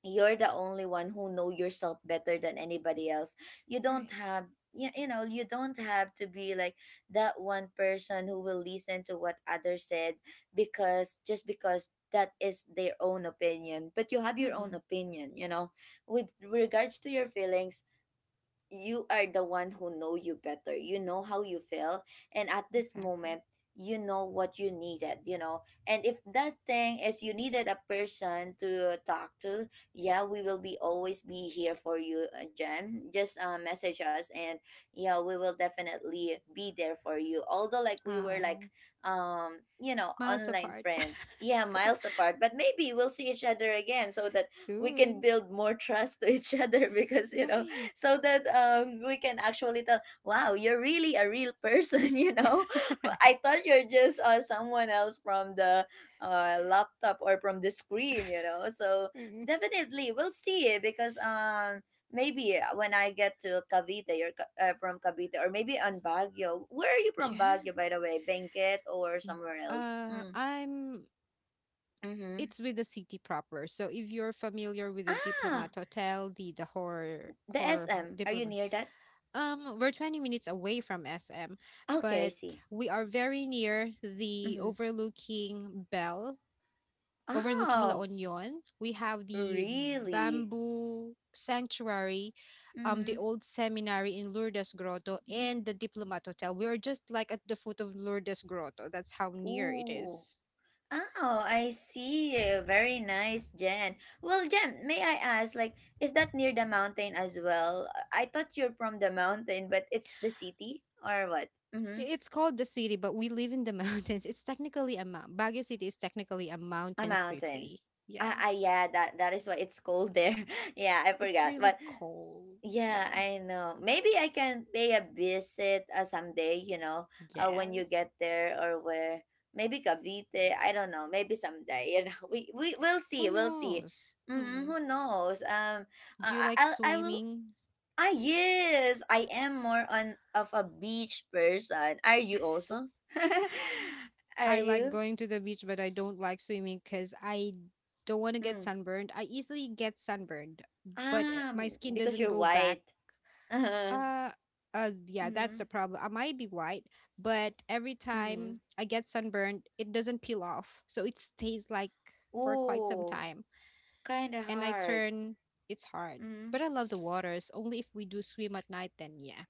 Speaker 1: you're the only one who know yourself better than anybody else. You don't
Speaker 2: Right.
Speaker 1: have, you, you know, you don't have to be like that one person who will listen to what others said, because just because that is their own opinion, but you have your own
Speaker 2: Mm-mm.
Speaker 1: opinion, you know, with regards to your feelings. You are the one who know you better, you know how you feel. And at this
Speaker 2: Exactly.
Speaker 1: moment, you know what you needed, you know. And if that thing is you needed a person to talk to, yeah, we will be always be here for you, uh, jen. Just uh, message us. And yeah, we will definitely be there for you, although like we were
Speaker 2: Uh,
Speaker 1: like, um you know,
Speaker 2: miles
Speaker 1: online
Speaker 2: apart. (laughs)
Speaker 1: friends, yeah, miles apart. But maybe we'll see each other again, so that we can
Speaker 2: Soon.
Speaker 1: build more (laughs) trust to each other (laughs) because you know,
Speaker 2: Right.
Speaker 1: so that um we can actually tell, wow, you're really a real person. (laughs) You know,
Speaker 2: (laughs)
Speaker 1: I thought you're just uh, someone else from the uh, laptop or from the screen, you know. So
Speaker 2: Mm.
Speaker 1: definitely we'll see, eh, because um maybe uh, when I get to cavite, you're ca- uh, from cavite, or maybe on baguio. Where are you from?
Speaker 2: Yeah.
Speaker 1: Baguio, by the way? Benguet, or somewhere else?
Speaker 2: Uh,
Speaker 1: Mm.
Speaker 2: I'm
Speaker 1: Mm-hmm.
Speaker 2: it's with the city proper. So if you're familiar with the
Speaker 1: Ah,
Speaker 2: Diplomat Hotel, the the horror
Speaker 1: the
Speaker 2: horror
Speaker 1: sm, are you
Speaker 2: diplomat.
Speaker 1: near that?
Speaker 2: Um, we're twenty minutes away from S M,
Speaker 1: Okay, I
Speaker 2: but
Speaker 1: see.
Speaker 2: we are very near the
Speaker 1: Mm-hmm.
Speaker 2: overlooking Bell, overlooking La
Speaker 1: Oh.
Speaker 2: Union. We have the
Speaker 1: Really?
Speaker 2: bamboo sanctuary, um,
Speaker 1: Mm-hmm.
Speaker 2: the old seminary in Lourdes Grotto, and the Diplomat Hotel. We are just like at the foot of Lourdes Grotto. That's how near it
Speaker 1: Ooh.
Speaker 2: is.
Speaker 1: Oh, I see. Very nice, Jen. Well, Jen, may I ask, like, is that near the mountain as well? I I thought you're from the mountain, but it's the city or what? Mm-hmm.
Speaker 2: It's called the city, but we live in the (laughs) mountains. It's technically a mount. Baguio City is technically a
Speaker 1: A
Speaker 2: mountain
Speaker 1: mountain.
Speaker 2: city.
Speaker 1: Ah,
Speaker 2: Yeah.
Speaker 1: ah, yeah, that that is why it's cold there. (laughs) Yeah, I
Speaker 2: It's
Speaker 1: forgot.
Speaker 2: really
Speaker 1: But
Speaker 2: cold.
Speaker 1: yeah,
Speaker 2: Yeah.
Speaker 1: I know. Maybe I can pay a visit uh, someday, you know, uh, when
Speaker 2: Yes.
Speaker 1: you get there or where. Maybe Cavite, I don't know. Maybe someday, you know. (laughs) We we we will
Speaker 2: Who
Speaker 1: see. We'll see.
Speaker 2: knows?
Speaker 1: Hmm,
Speaker 2: Hmm.
Speaker 1: who knows? Um I
Speaker 2: Do you like
Speaker 1: I I will,
Speaker 2: swimming?
Speaker 1: ah yes, I am more on of a beach person. Are you also?
Speaker 2: (sighs)
Speaker 1: (laughs) Are
Speaker 2: I like
Speaker 1: you?
Speaker 2: going to the beach, but I don't like swimming because I don't want to get
Speaker 1: Mm.
Speaker 2: sunburned. I easily get sunburned, but eh, my
Speaker 1: Um
Speaker 2: skin
Speaker 1: because
Speaker 2: doesn't
Speaker 1: you're
Speaker 2: go back.
Speaker 1: white. (laughs) Uh-huh.
Speaker 2: Uh, uh, yeah, that's the
Speaker 1: Mhm.
Speaker 2: problem. I might be white, but every time
Speaker 1: Mhm.
Speaker 2: I get sunburned, it doesn't peel off. So it stays like for quite some
Speaker 1: Ooh,
Speaker 2: time.
Speaker 1: kind of
Speaker 2: And I
Speaker 1: hard.
Speaker 2: turn, it's hard.
Speaker 1: Mm.
Speaker 2: But I love the waters. Only if we do swim at night, then yeah,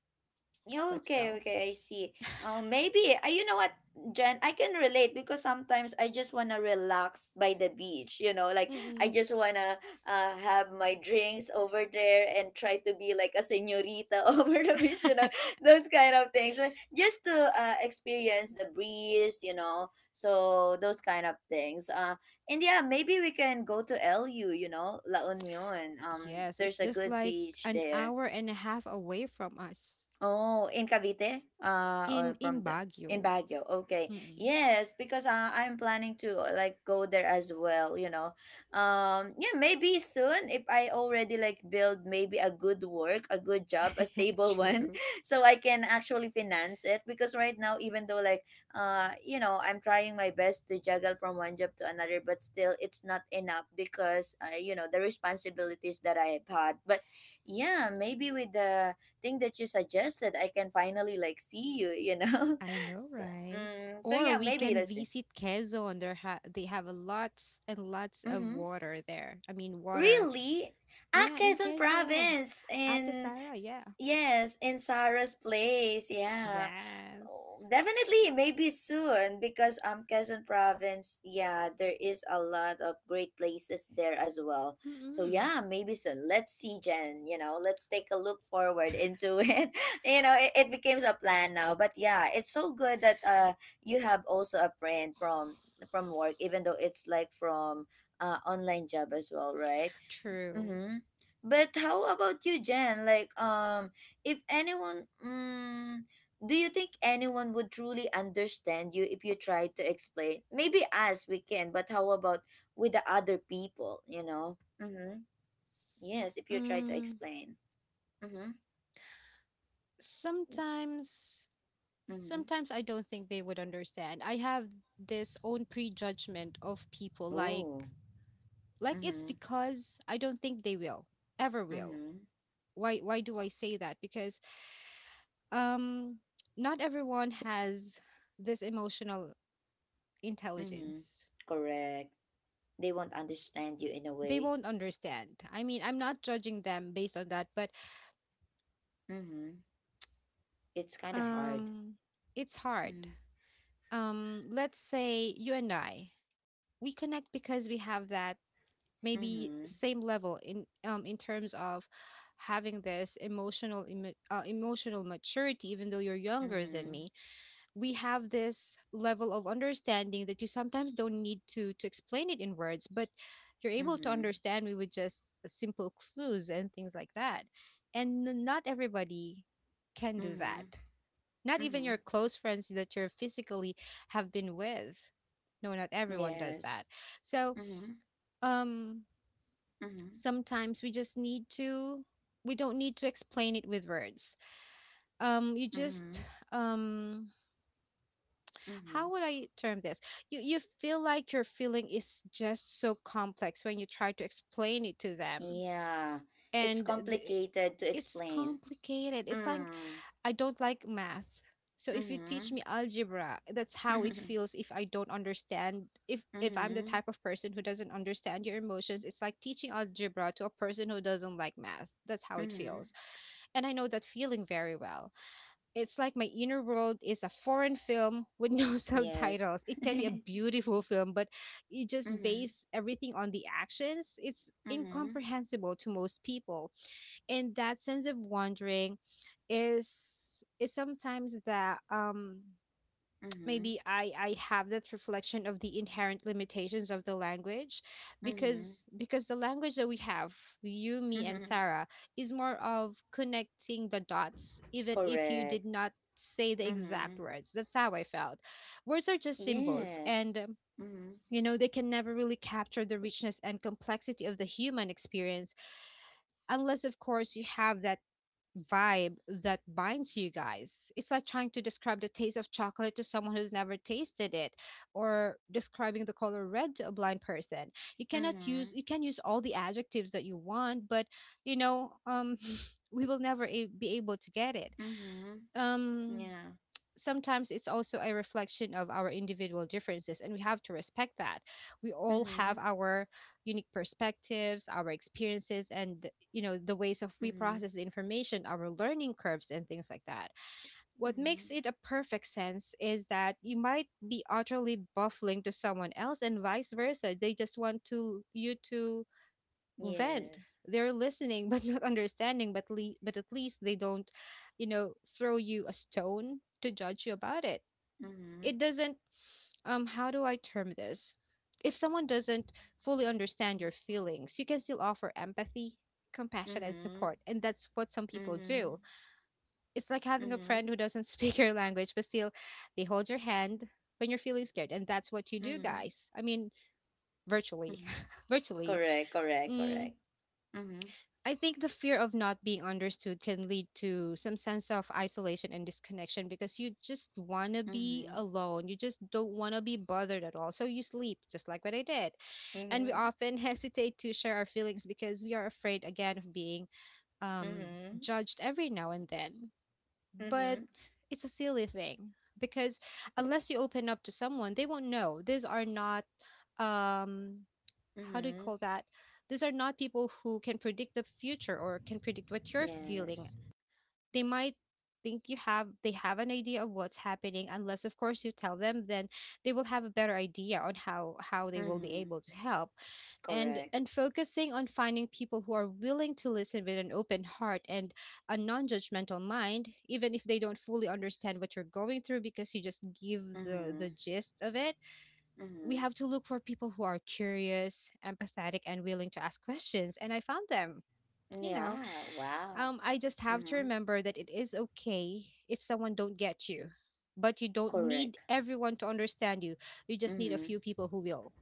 Speaker 1: Yeah,
Speaker 2: let's
Speaker 1: okay,
Speaker 2: go.
Speaker 1: okay, I see. Um, maybe uh, you know what, Jen, I can relate because sometimes I just wanna relax by the beach, you know. Like I
Speaker 2: Mm-mm.
Speaker 1: just wanna uh have my drinks over there and try to be like a señorita (laughs) over the beach, you know,
Speaker 2: (laughs)
Speaker 1: those kind of things, like, just to uh experience the breeze, you know, so those kind of things. Uh, and yeah, maybe we can go to L U, you know, La Union. Um,
Speaker 2: Yes,
Speaker 1: there's
Speaker 2: it's
Speaker 1: a
Speaker 2: just
Speaker 1: good
Speaker 2: like
Speaker 1: beach
Speaker 2: an
Speaker 1: there.
Speaker 2: hour and a half away from us
Speaker 1: Oh, in Cavite, uh,
Speaker 2: in
Speaker 1: or from
Speaker 2: in
Speaker 1: the, in
Speaker 2: Baguio.
Speaker 1: Baguio. Okay,
Speaker 2: Mm-mm.
Speaker 1: yes, because uh, I'm planning to uh, like go there as well, you know. um, yeah, maybe soon, if I already like build maybe a good work, a good job, a
Speaker 2: (laughs)
Speaker 1: stable one,
Speaker 2: True.
Speaker 1: (laughs) so I can actually finance it. Because right now, even though like, uh, you know, I'm trying my best to juggle from one job to another, but still, it's not enough because uh, you know, the responsibilities that I have had. But yeah, maybe with the thing that you suggested I can finally like see you, you know.
Speaker 2: I
Speaker 1: (laughs)
Speaker 2: know,
Speaker 1: So,
Speaker 2: right?
Speaker 1: mm, so
Speaker 2: Or
Speaker 1: yeah,
Speaker 2: we
Speaker 1: maybe
Speaker 2: can
Speaker 1: let's see.
Speaker 2: visit Quezon. There ha- they have a lots and lots of
Speaker 1: Mm-hmm.
Speaker 2: water there. I mean, water.
Speaker 1: Really? Ah,
Speaker 2: Yeah, in
Speaker 1: quezon
Speaker 2: Quezon.
Speaker 1: province
Speaker 2: Ate
Speaker 1: in
Speaker 2: Sara,
Speaker 1: s-
Speaker 2: yeah.
Speaker 1: yes, in sarah's place, yeah.
Speaker 2: Yes.
Speaker 1: Oh, definitely, maybe soon, because um Quezon province, yeah, there is a lot of great places there as well. So
Speaker 2: Mm-mm.
Speaker 1: yeah, maybe soon. Let's see, Jen. You know, let's take a look forward into (laughs) it. You know, it, it becomes a plan now. But yeah, it's so good that uh you have also a friend from from work, even though it's like from uh online job as well, right?
Speaker 2: True.
Speaker 1: Mm-hmm. But how about you, Jen? Like, um, if anyone, mm, do you think anyone would truly understand you if you tried to explain? Maybe us, we can, but how about with the other people, you know? Mm-hmm. Yes, if you try to
Speaker 2: Mm,
Speaker 1: explain. Mm-hmm.
Speaker 2: sometimes,
Speaker 1: Mm-hmm.
Speaker 2: sometimes I don't think they would understand. I have this own prejudgment of people, like,
Speaker 1: Oh.
Speaker 2: like it's
Speaker 1: Mm-hmm.
Speaker 2: because I don't think they will ever will.
Speaker 1: Mm-hmm.
Speaker 2: Why? Why do I say that? Because um, not everyone has this emotional
Speaker 1: Mm-hmm.
Speaker 2: intelligence.
Speaker 1: Correct. They won't understand you in a
Speaker 2: They
Speaker 1: way.
Speaker 2: won't understand. I mean, I'm not judging them based on that, but
Speaker 1: Mm-hmm. It's kind of hard.
Speaker 2: um, it's hard.
Speaker 1: Mm-hmm.
Speaker 2: Um, let's say you and I, we connect because we have that maybe
Speaker 1: Mm-hmm.
Speaker 2: same level in um, in terms of having this emotional emo- uh, emotional maturity, even though you're younger than
Speaker 1: Mm-hmm.
Speaker 2: me, we have this level of understanding that you sometimes don't need to to explain it in words, but you're able to
Speaker 1: Mm-hmm.
Speaker 2: understand me with just simple clues and things like that. And n- not everybody can do that,
Speaker 1: Mhm.
Speaker 2: not even your
Speaker 1: Mhm.
Speaker 2: close friends that you're physically have been with. No, not everyone does
Speaker 1: Yes.
Speaker 2: that. So
Speaker 1: Mhm.
Speaker 2: um
Speaker 1: Mhm.
Speaker 2: sometimes we just need to we don't need to explain it with words. um you just
Speaker 1: Mhm.
Speaker 2: um how
Speaker 1: Mhm.
Speaker 2: would I term this? You you feel like your feeling is just so complex when you try to explain it to them,
Speaker 1: Yeah. It's
Speaker 2: and the,
Speaker 1: complicated to
Speaker 2: it's
Speaker 1: explain.
Speaker 2: complicated. It's like
Speaker 1: Mm.
Speaker 2: I don't like math. So if you teach me
Speaker 1: Mhm.
Speaker 2: algebra, that's how it
Speaker 1: Mhm.
Speaker 2: feels. If I don't understand. If if I'm the type of person who doesn't understand your emotions, it's like teaching algebra to a person who doesn't like math. That's how it
Speaker 1: Mhm.
Speaker 2: feels.
Speaker 1: (laughs)
Speaker 2: And I know that feeling very well. It's like my inner world is a foreign film with no (laughs)
Speaker 1: Yes.
Speaker 2: subtitles. It can be a
Speaker 1: (laughs)
Speaker 2: beautiful film, but you just
Speaker 1: Mhm.
Speaker 2: base everything on the actions. It's
Speaker 1: Mhm.
Speaker 2: incomprehensible to most people. And that sense of wandering is is sometimes that um
Speaker 1: Mhm.
Speaker 2: maybe I I have that reflection of the inherent limitations of the language,
Speaker 1: Mhm.
Speaker 2: because because the language that we have, you, me and
Speaker 1: (laughs)
Speaker 2: Sarah, is more of connecting the dots even if you
Speaker 1: Correct.
Speaker 2: did not say the exact
Speaker 1: Mhm.
Speaker 2: words. That's how I felt. Words are just symbols
Speaker 1: Yes.
Speaker 2: and um,
Speaker 1: Mhm.
Speaker 2: you know, they can never really capture the richness and complexity of the human experience, unless of course you have that vibe that binds you guys. It's like trying to describe the taste of chocolate to someone who's never tasted it, or describing the color red to a blind person. You cannot use
Speaker 1: Mhm.
Speaker 2: you can use all the adjectives that you want, but you know, um (laughs) we will never a- be able to get it.
Speaker 1: Mhm.
Speaker 2: Um
Speaker 1: Yeah.
Speaker 2: sometimes it's also a reflection of our individual differences, and we have to respect that we all have
Speaker 1: Mhm.
Speaker 2: our unique perspectives, our experiences, and you know, the ways of we
Speaker 1: Mhm.
Speaker 2: process information, our learning curves and things like that. What makes
Speaker 1: Mhm.
Speaker 2: it a perfect sense is that you might be utterly baffling to someone else and vice versa. They just want to you to vent.
Speaker 1: Yes.
Speaker 2: They're listening (laughs) but not understanding. But le- but at least they don't, you know, throw you a stone to judge you about it.
Speaker 1: Mm-hmm.
Speaker 2: It doesn't, um how do I term this? If someone doesn't fully understand your feelings, you can still offer empathy, compassion and
Speaker 1: Mm-hmm.
Speaker 2: support, and that's what some people do.
Speaker 1: Mhm.
Speaker 2: It's like having a friend
Speaker 1: Mhm.
Speaker 2: who doesn't (laughs) speak your language but still they hold your hand when you're feeling scared. And that's what you do,
Speaker 1: Mhm.
Speaker 2: guys, I mean, virtually,
Speaker 1: Mhm.
Speaker 2: (laughs) virtually.
Speaker 1: Correct, correct,
Speaker 2: Mm,
Speaker 1: correct. Mhm.
Speaker 2: I think the fear of not being understood can lead to some sense of isolation and disconnection, because you just want to be
Speaker 1: Mhm.
Speaker 2: alone. You just don't want to be bothered at all. So you sleep, just like what I did. And we
Speaker 1: Mhm.
Speaker 2: often (laughs) hesitate to share our feelings because we are afraid, again, of being um,
Speaker 1: Mhm.
Speaker 2: judged every now and then. But
Speaker 1: Mhm.
Speaker 2: it's a silly thing, because unless you open up to someone, they won't know. These are not. Um, how do you
Speaker 1: Mhm.
Speaker 2: call that? These are not people who can predict the future or can predict what you're feeling.
Speaker 1: Yes.
Speaker 2: They might think you have they have an idea of what's happening, unless of course you tell them, then they will have a better idea on how how they will be
Speaker 1: Mhm.
Speaker 2: able to help. and
Speaker 1: Correct.
Speaker 2: and focusing on finding people who are willing to listen with an open heart and a non-judgmental mind, even if they don't fully understand what you're going through, because you just give the the
Speaker 1: Mhm.
Speaker 2: gist of it. We
Speaker 1: Mhm.
Speaker 2: have to look for people who are curious, empathetic, and willing to ask questions. And I found them. You know,
Speaker 1: Yeah, wow.
Speaker 2: um, I just have to
Speaker 1: Mhm.
Speaker 2: remember that it is okay if someone don't get you, but you don't need
Speaker 1: Correct.
Speaker 2: everyone to understand you. You just need a
Speaker 1: Mhm.
Speaker 2: few people who will.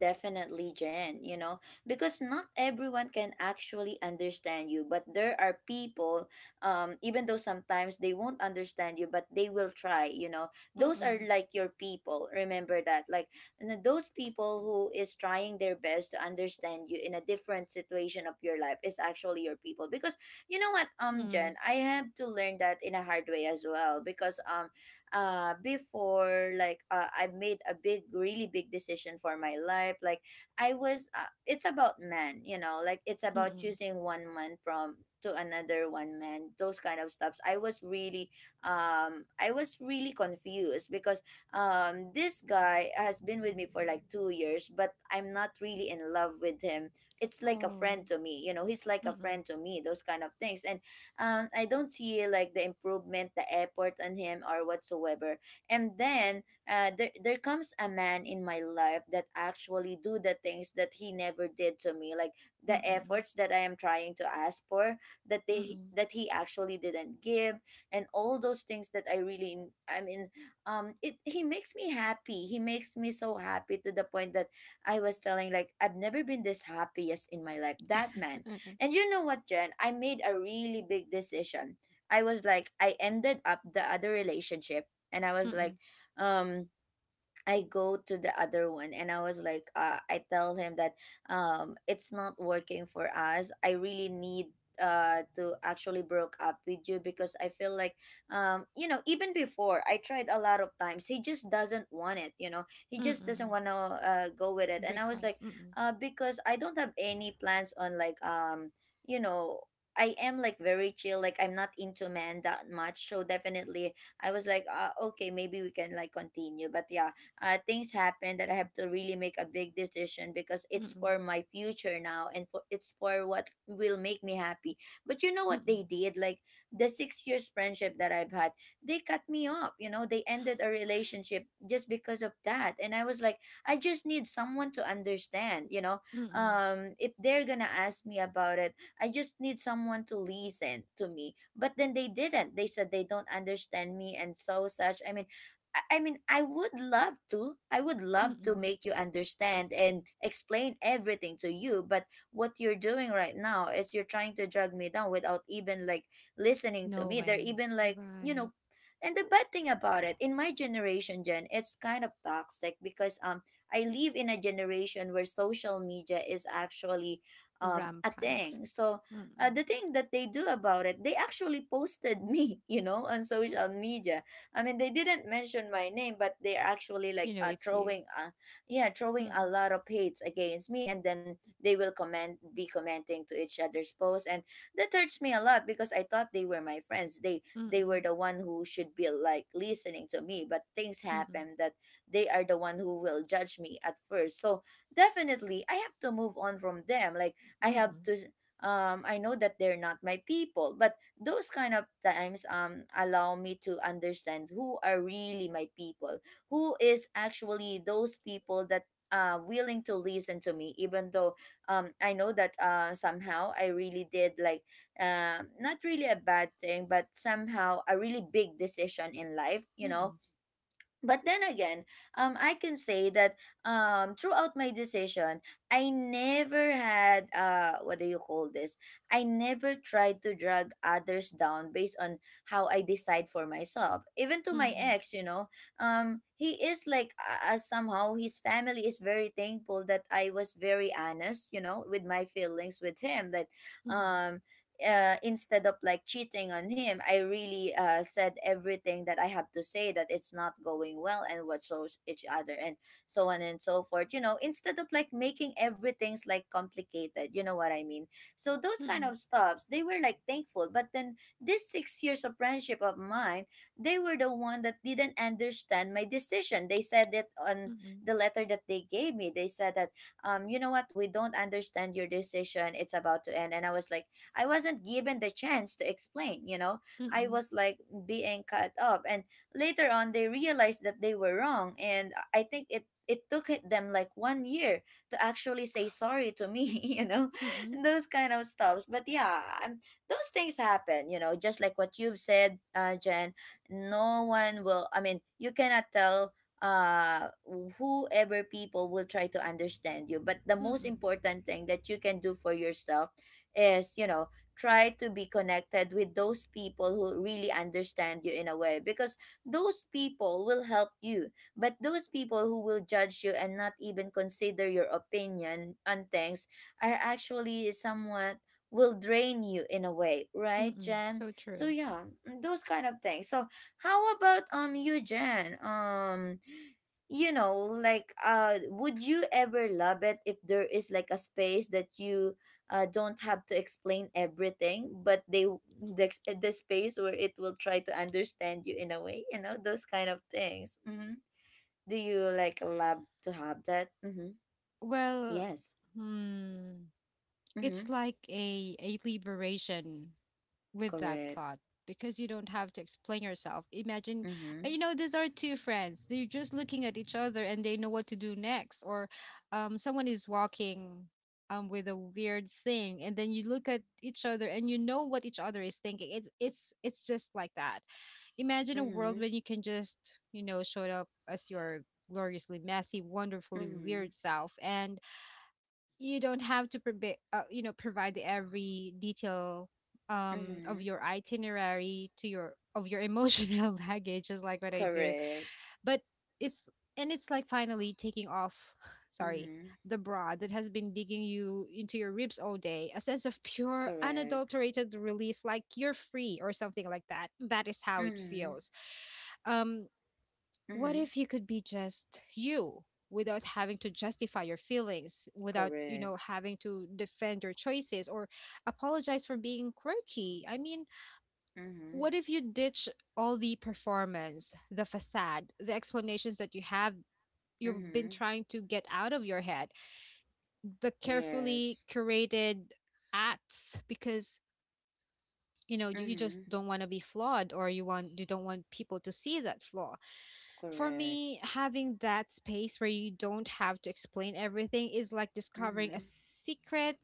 Speaker 1: Definitely, Jen, you know, because not everyone can actually understand you, but there are people, um, even though sometimes they won't understand you, but they will try, you know. Those are
Speaker 2: Mm-mm.
Speaker 1: like your people, remember that. Like n- those people who is trying their best to understand you in a different situation of your life is actually your people. Because you know what, um,
Speaker 2: Mm-mm.
Speaker 1: Jen, I have to learn that in a hard way as well. Because um uh before like, uh, I made a big, really big decision for my life. Like I was uh, it's about men, you know, like it's about
Speaker 2: Mm-mm.
Speaker 1: choosing one man from to another one man, those kind of stuffs. I was really, um I was really confused because um this guy has been with me for like two years, but I'm not really in love with him. It's like a
Speaker 2: Oh.
Speaker 1: friend to me, you know, he's like a
Speaker 2: Mm-mm.
Speaker 1: friend to me, those kind of things. And um, I don't see like the improvement, the effort on him or whatsoever. And then uh, there, there comes a man in my life that actually do the things that he never did to me, like the
Speaker 2: Mm-mm.
Speaker 1: efforts that I am trying to ask for that they
Speaker 2: Mm-mm.
Speaker 1: that he actually didn't give, and all those things that I really, I mean, um, it he makes me happy. He makes me so happy to the point that I was telling like I've never been this happiest in my life. That man, and you know what, Jen? I made a really big decision. I was like, I ended up the other relationship and I
Speaker 2: (laughs)
Speaker 1: was
Speaker 2: Mm-mm.
Speaker 1: like, um, I go to the other one and I was like, uh, I tell him that um, it's not working for us. I really need uh to actually broke up with you because I feel like um you know even before I tried a lot of times he just doesn't want it, you know, he just doesn't
Speaker 2: Mm-mm.
Speaker 1: want to uh, go with it and I
Speaker 2: Break
Speaker 1: was
Speaker 2: up.
Speaker 1: like
Speaker 2: Mm-mm.
Speaker 1: uh because I don't have any plans on like um you know I am like very chill, like I'm not into men that much, so definitely I was like, uh, okay maybe we can like continue but yeah, uh, things happen that I have to really make a big decision because it's for
Speaker 2: Mm-mm.
Speaker 1: my future now and for it's for what will make me happy. But you know what
Speaker 2: Mm-mm.
Speaker 1: they did? Like the six years friendship that I've had, they cut me off. You know, they ended a relationship just because of that. And I was like, I just need someone to understand. You know,
Speaker 2: Mm-mm.
Speaker 1: um, if they're gonna ask me about it, I just need someone to listen to me. But then they didn't. They said they don't understand me and so such. I mean, I I mean, I would love to. I would love to
Speaker 2: Mm-mm.
Speaker 1: make you understand and explain everything to you. But what you're doing right now is you're trying to drag me down without even like listening to
Speaker 2: No
Speaker 1: me. They're
Speaker 2: way.
Speaker 1: even like, you
Speaker 2: Right.
Speaker 1: know, and the bad thing about it, in my generation, Jen, it's kind of toxic because um I live in a generation where social media is actually um a
Speaker 2: Rampant.
Speaker 1: thing. So uh,
Speaker 2: Mm-mm.
Speaker 1: the thing that they do about it, they actually posted me, (laughs) you know, on social
Speaker 2: What?
Speaker 1: media. I mean, they didn't mention my name, but they're actually
Speaker 2: You
Speaker 1: like
Speaker 2: know
Speaker 1: uh,
Speaker 2: it's you.
Speaker 1: throwing, uh, yeah, throwing a
Speaker 2: Mm-mm,
Speaker 1: lot of hates against me, and then they will comment, be commenting to each other's posts, and that hurts me a lot because I thought they were my friends. They they were
Speaker 2: mm-mm,
Speaker 1: the one who should be like listening to me, but things
Speaker 2: mm-mm,
Speaker 1: happen that they are the one who will judge me at first. So definitely, I have to move on from them. Like I have
Speaker 2: mm-mm,
Speaker 1: to um I know that they're not my people, but those kind of times um allow me to understand who are really my people, who is actually those people that uh, willing to listen to me even though um I know that uh somehow I really did like, um not really a bad thing but somehow a really big decision in life, you know.
Speaker 2: mm-mm,
Speaker 1: But then again, um, I can say that um, throughout my decision, I never had uh, what do you call this? I never tried to drag others down based on how I decide for myself. Even to my
Speaker 2: mm-mm,
Speaker 1: ex, you know, um, he is like uh, uh, somehow his family is very thankful that I was very honest, you know, with my feelings with him. That
Speaker 2: mm-mm,
Speaker 1: um, uh, instead of like cheating on him, I really uh, said everything that I have to say that it's not going well and what shows each other and so on and so forth. You know, instead of like making everything's like complicated, you know what I mean? So those kind
Speaker 2: mm-mm,
Speaker 1: of stuffs, they were like thankful. But then this six years of friendship of mine, they were the one that didn't understand my decision. They said it on
Speaker 2: mm-mm,
Speaker 1: the letter that they gave me. They said that, um, you know what, we don't understand your decision. It's about to end. And I was like, I wasn't given the chance to explain, you know. I
Speaker 2: mm-mm,
Speaker 1: was like being cut up and later on they realized that they were wrong and I I think it it took it them like one year to actually say sorry to me, (laughs) you know,
Speaker 2: mm-mm,
Speaker 1: and those kind of stuffs. But yeah, um, those things happen, you know, just like what you've said, uh, Jen. No one will. I mean, you cannot tell uh whoever people will try to understand you, but the most
Speaker 2: mm-mm,
Speaker 1: important thing that you can do for yourself is, you know, try to be connected with those people who really understand you in a way, because those people will help you. But those people who will judge you and not even consider your opinion on things are actually somewhat will drain you in a way, right,
Speaker 2: mm-mm.
Speaker 1: Jen?
Speaker 2: So
Speaker 1: So
Speaker 2: true.
Speaker 1: yeah, mm, those kind of things. So how about um you, Jen? Um you know, like uh would you ever love it if there is like a space that you uh, don't have to explain everything, but they, the, ex- the space where it will try to understand you in a way, you know, those kind of things. hmm Do you like love to have that? hmm
Speaker 2: Well,
Speaker 1: Yes.
Speaker 2: hmm, it's
Speaker 1: Mm-hmm.
Speaker 2: like a a liberation with that
Speaker 1: Correct.
Speaker 2: thought, because you don't have to explain yourself. Imagine,
Speaker 1: Mm-hmm.
Speaker 2: uh, you know, these are two friends. They're just looking at each other and they know what to do next. Or um, someone is walking um, with a weird thing, and then you look at each other and you know what each other is thinking. It's it's it's just like that. Imagine a
Speaker 1: Mm-hmm.
Speaker 2: world when you can just, you know, show up as your gloriously messy, wonderfully
Speaker 1: Mm-hmm.
Speaker 2: weird self, and you don't have to provi- uh, you know, provide every detail um
Speaker 1: Mm-hmm.
Speaker 2: of your itinerary to your of your emotional (laughs) baggage. Is like what I do,
Speaker 1: Correct.
Speaker 2: but it's, and it's like finally taking off, (sighs) sorry,
Speaker 1: Mm-hmm.
Speaker 2: the bra that has been digging you into your ribs all day. A sense of pure
Speaker 1: Correct.
Speaker 2: unadulterated relief, like you're free or something like that. That is how it
Speaker 1: Mm-hmm.
Speaker 2: feels. um what
Speaker 1: Mm-hmm.
Speaker 2: if you could be just you without having to justify your feelings, without, you
Speaker 1: Correct.
Speaker 2: know, having to defend your choices, or apologize for being quirky? I mean,
Speaker 1: Mm-hmm.
Speaker 2: what if you ditch all the performance, the facade, the explanations that you have, you've been
Speaker 1: Mm-hmm.
Speaker 2: trying to get out of your head, the carefully
Speaker 1: Yes.
Speaker 2: curated acts, because you know, you you
Speaker 1: Mm-hmm.
Speaker 2: just don't want to be flawed, or you want, you don't want people to see that flaw. For
Speaker 1: Correct.
Speaker 2: me, having that space where you don't have to explain everything is like discovering a
Speaker 1: Mm-hmm.
Speaker 2: secret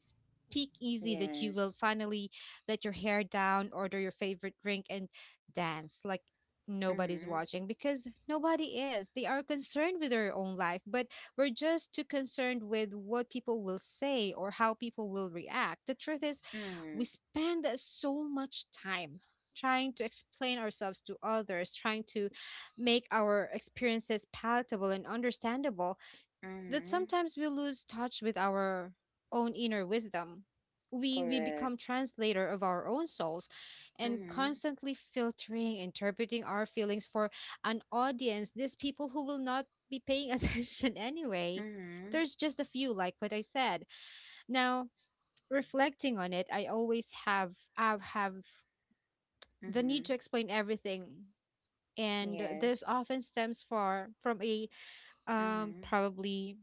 Speaker 2: peek easy that you will
Speaker 1: Yes.
Speaker 2: finally let your hair down, order your favorite drink, and dance like nobody's
Speaker 1: Mm-hmm.
Speaker 2: watching, because nobody is. They are concerned with their own life, but we're just too concerned with what people will say or how people will react. The truth is,
Speaker 1: Mm-hmm.
Speaker 2: we spend so much time trying to explain ourselves to others, trying to make our experiences palatable and understandable, that
Speaker 1: Mm-hmm.
Speaker 2: sometimes we lose touch with our own inner wisdom. We, we
Speaker 1: Correct.
Speaker 2: become translator of our own souls, and
Speaker 1: Mm-hmm.
Speaker 2: constantly filtering, interpreting our feelings for an audience, these people who will not be paying (laughs) attention anyway.
Speaker 1: Mm-hmm.
Speaker 2: There's just a few, like what I said. Now reflecting on it, I always have have have the need
Speaker 1: Mm-hmm.
Speaker 2: to explain everything, and this
Speaker 1: Yes.
Speaker 2: often stems for from a um
Speaker 1: Mm-hmm.
Speaker 2: probably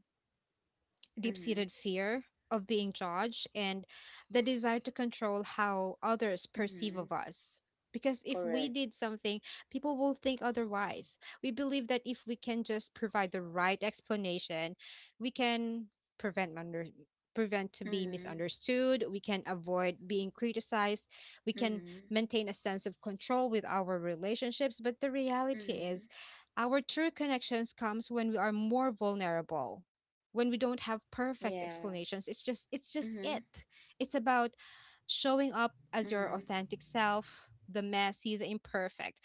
Speaker 2: deep
Speaker 1: Mm-hmm.
Speaker 2: seated fear of being judged, and the desire to control how others perceive
Speaker 1: Mm-hmm.
Speaker 2: of us. Because if we
Speaker 1: Correct.
Speaker 2: did something, people will think otherwise. We believe that if we can just provide the right explanation, we can prevent under prevent to be
Speaker 1: Mm-hmm.
Speaker 2: misunderstood, we can avoid being criticized, we can
Speaker 1: Mm-hmm.
Speaker 2: maintain a sense of control with our relationships. But the reality
Speaker 1: Mm-hmm.
Speaker 2: is, our true connections comes when we are more vulnerable, when we don't have perfect
Speaker 1: Yeah.
Speaker 2: explanations. it's just it's just
Speaker 1: Mm-hmm.
Speaker 2: it it's about showing up as your
Speaker 1: Mm-hmm.
Speaker 2: authentic self, the messy, the imperfect.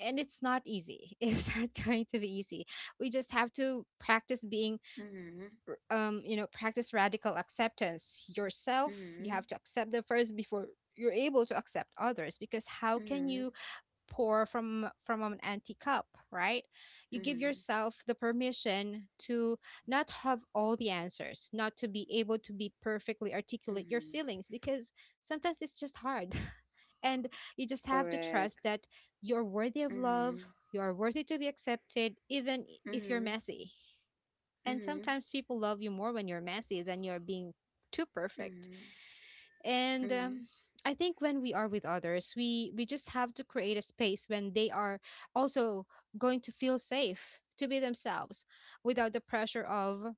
Speaker 2: And it's not easy, (laughs) it's not going to be easy. We just have to practice being,
Speaker 1: Mm-hmm.
Speaker 2: um you know, practice radical acceptance yourself. You
Speaker 1: Mm-hmm.
Speaker 2: have to accept them first before you're able to accept others, because how can
Speaker 1: Mm-hmm.
Speaker 2: you pour from from an empty cup, right? You give
Speaker 1: Mm-hmm.
Speaker 2: yourself the permission to not have all the answers, not to be able to be perfectly articulate your
Speaker 1: Mm-hmm.
Speaker 2: feelings, because sometimes it's just hard. (laughs) And you just have to trust
Speaker 1: Correct.
Speaker 2: that you're worthy of
Speaker 1: Mm-hmm.
Speaker 2: love, you are worthy to be accepted even if you're
Speaker 1: Mm-hmm.
Speaker 2: messy. And
Speaker 1: Mm-hmm.
Speaker 2: sometimes people love you more when you're messy than you're being too perfect.
Speaker 1: Mm-hmm.
Speaker 2: And
Speaker 1: Mm-hmm.
Speaker 2: um, I think when we are with others, we we just have to create a space when they are also going to feel safe to be themselves, without the pressure of,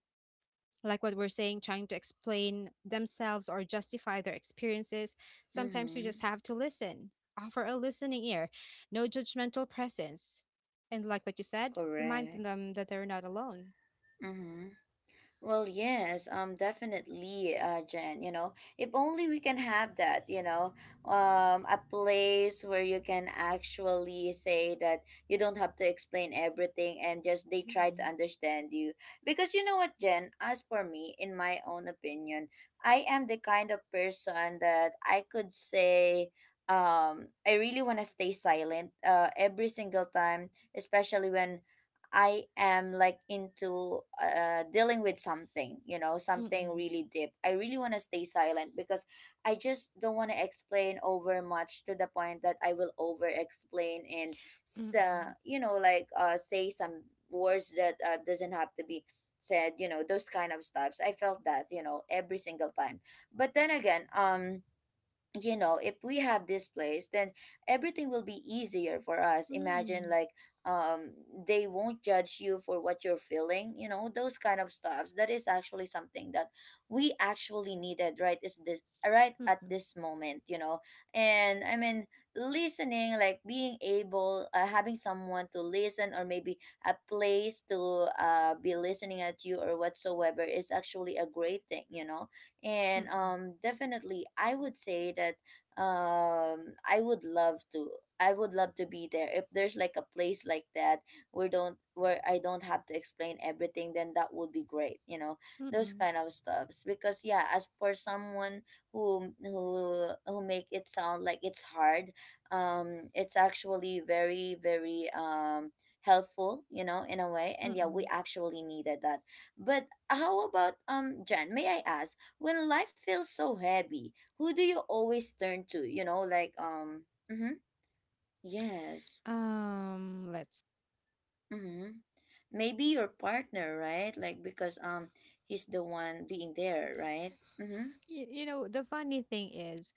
Speaker 2: like what we're saying, trying to explain themselves or justify their experiences. Sometimes we
Speaker 1: Mm-hmm.
Speaker 2: just have to listen, offer a listening ear, no judgmental presence, and like what you said, remind
Speaker 1: Correct.
Speaker 2: them that they're not alone.
Speaker 1: Mm-hmm. Well, yes, um, definitely, uh, Jen. You know, if only we can have that. You know, um, a place where you can actually say that you don't have to explain everything and just they try to
Speaker 2: Mm-mm,
Speaker 1: understand you. Because you know what, Jen? As for me, in my own opinion, I am the kind of person that I could say. Um, I really want to stay silent uh, every single time, especially when I am like into uh, dealing with something, you know, something
Speaker 2: mm-mm,
Speaker 1: really deep. I really want to stay silent because I just don't want to explain over much to the point that I will over explain and,
Speaker 2: mm-mm,
Speaker 1: sa you know, like uh, say some words that uh, doesn't have to be said, you know, those kind of stuffs. I felt that, you know, every single time. But then again, um, you know, if we have this place then everything will be easier for us. Imagine
Speaker 2: mm-mm,
Speaker 1: like um they won't judge you for what you're feeling, you know, those kind of stuffs. That is actually something that we actually needed, right? Is this right at
Speaker 2: mm-mm,
Speaker 1: this moment, you know? And I mean listening like being able, uh, having someone to listen or maybe a place to uh be listening at you or whatsoever is actually a great thing, you know. And
Speaker 2: mm-mm,
Speaker 1: um definitely I would say that um i would love to i would love to be there if there's like a place like that where don't where I don't have to explain everything, then that would be great, you know, those
Speaker 2: mm-mm,
Speaker 1: kind of stuffs. Because yeah, as for someone who who who make it sound like it's hard, um it's actually very very um helpful, you know, in a way. And yeah, we
Speaker 2: mm-mm.
Speaker 1: actually needed that. But how about um Jen, may I ask, when life feels so heavy, who do you always turn to? You know, like um mhm, yes.
Speaker 2: Um, let's.
Speaker 1: Mhm. Maybe your partner, right? Like because um he's the one being there, right? Mhm.
Speaker 2: You, you know, the funny thing is,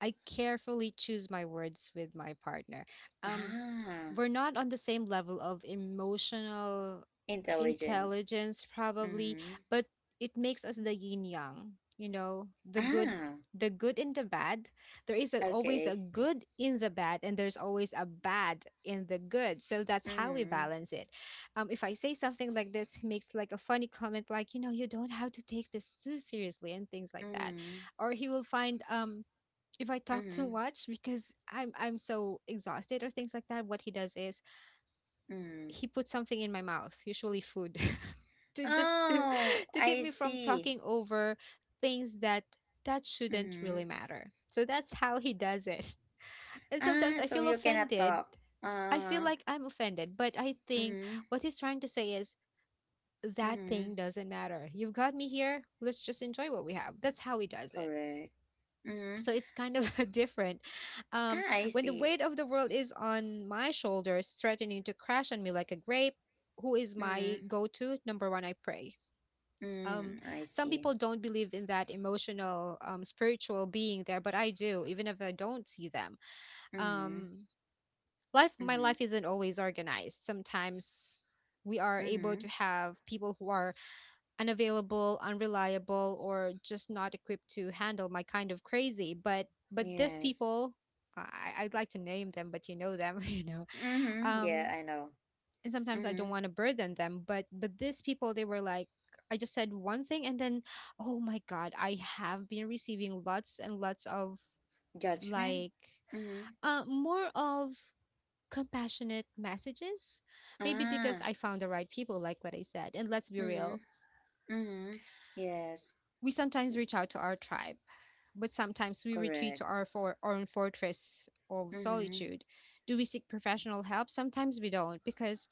Speaker 2: I carefully choose my words with my partner. Um,
Speaker 1: Ah,
Speaker 2: we're not on the same level of emotional
Speaker 1: intelligence.
Speaker 2: intelligence probably,
Speaker 1: Mhm.
Speaker 2: but it makes us the yin yang, you know, the good,
Speaker 1: Ah,
Speaker 2: the good and the bad. There is a, always a
Speaker 1: okay.
Speaker 2: good in the bad, and there's always a bad in the good, so that's how we
Speaker 1: Mhm.
Speaker 2: balance it. Um, if i say something like this, he makes like a funny comment like, you know you don't have to take this too seriously and things like that.
Speaker 1: Mhm.
Speaker 2: Or he will find um if i talk too
Speaker 1: Mhm.
Speaker 2: much because i'm i'm so exhausted or things like that, what he does is
Speaker 1: Mhm.
Speaker 2: he put something in my mouth, usually food, (laughs) to just to
Speaker 1: Oh,
Speaker 2: (laughs) to keep
Speaker 1: I
Speaker 2: me from
Speaker 1: see.
Speaker 2: talking over things that that shouldn't really
Speaker 1: Mhm.
Speaker 2: matter. So that's how he does it. (laughs) And sometimes
Speaker 1: Ah,
Speaker 2: I
Speaker 1: so
Speaker 2: feel
Speaker 1: you cannot
Speaker 2: offended.
Speaker 1: talk.
Speaker 2: I feel
Speaker 1: Uh-huh.
Speaker 2: like I'm offended, but I think
Speaker 1: Mhm.
Speaker 2: what he's trying to say is that
Speaker 1: Mhm.
Speaker 2: thing doesn't matter. You've got me here. Let's just enjoy what we have. That's how he does it,
Speaker 1: Correct. Mhm.
Speaker 2: so it's kind of (laughs) different. Um,
Speaker 1: Ah, I
Speaker 2: when the
Speaker 1: see.
Speaker 2: weight of the world is on my shoulders, threatening to crash on me like a grape, who is my
Speaker 1: Mm-hmm.
Speaker 2: go-to? Number one, i pray. Um,
Speaker 1: Mm, I
Speaker 2: some
Speaker 1: see.
Speaker 2: people don't believe in that emotional, um, spiritual being there, but i do, even if i don't see them.
Speaker 1: Mm-hmm.
Speaker 2: um, life my
Speaker 1: Mm-hmm.
Speaker 2: life isn't always organized. Sometimes we are able
Speaker 1: Mm-hmm.
Speaker 2: to have people who are unavailable, unreliable, or just not equipped to handle my kind of crazy. But but these
Speaker 1: Yes.
Speaker 2: people, I, I'd like to name them, but you know them, (laughs) you know.
Speaker 1: Mm-hmm. Yeah,
Speaker 2: Um,
Speaker 1: I know.
Speaker 2: and sometimes I
Speaker 1: Mm-hmm.
Speaker 2: don't want to burden them, but but these people, they were like, I just said one thing, and then, oh my God, I have been receiving lots and lots of,
Speaker 1: Judgment?
Speaker 2: like,
Speaker 1: Mm-hmm.
Speaker 2: uh, more of compassionate messages, maybe because
Speaker 1: Ah.
Speaker 2: i found the right people, like what i said. And let's be real,
Speaker 1: Mm-hmm. Mm-hmm. Yes.
Speaker 2: we sometimes
Speaker 1: Mm,
Speaker 2: reach out to our tribe. But sometimes we retreat
Speaker 1: correct.
Speaker 2: to our for- own fortress of
Speaker 1: Mm-hmm.
Speaker 2: solitude. Do we seek professional help? Sometimes we don't, because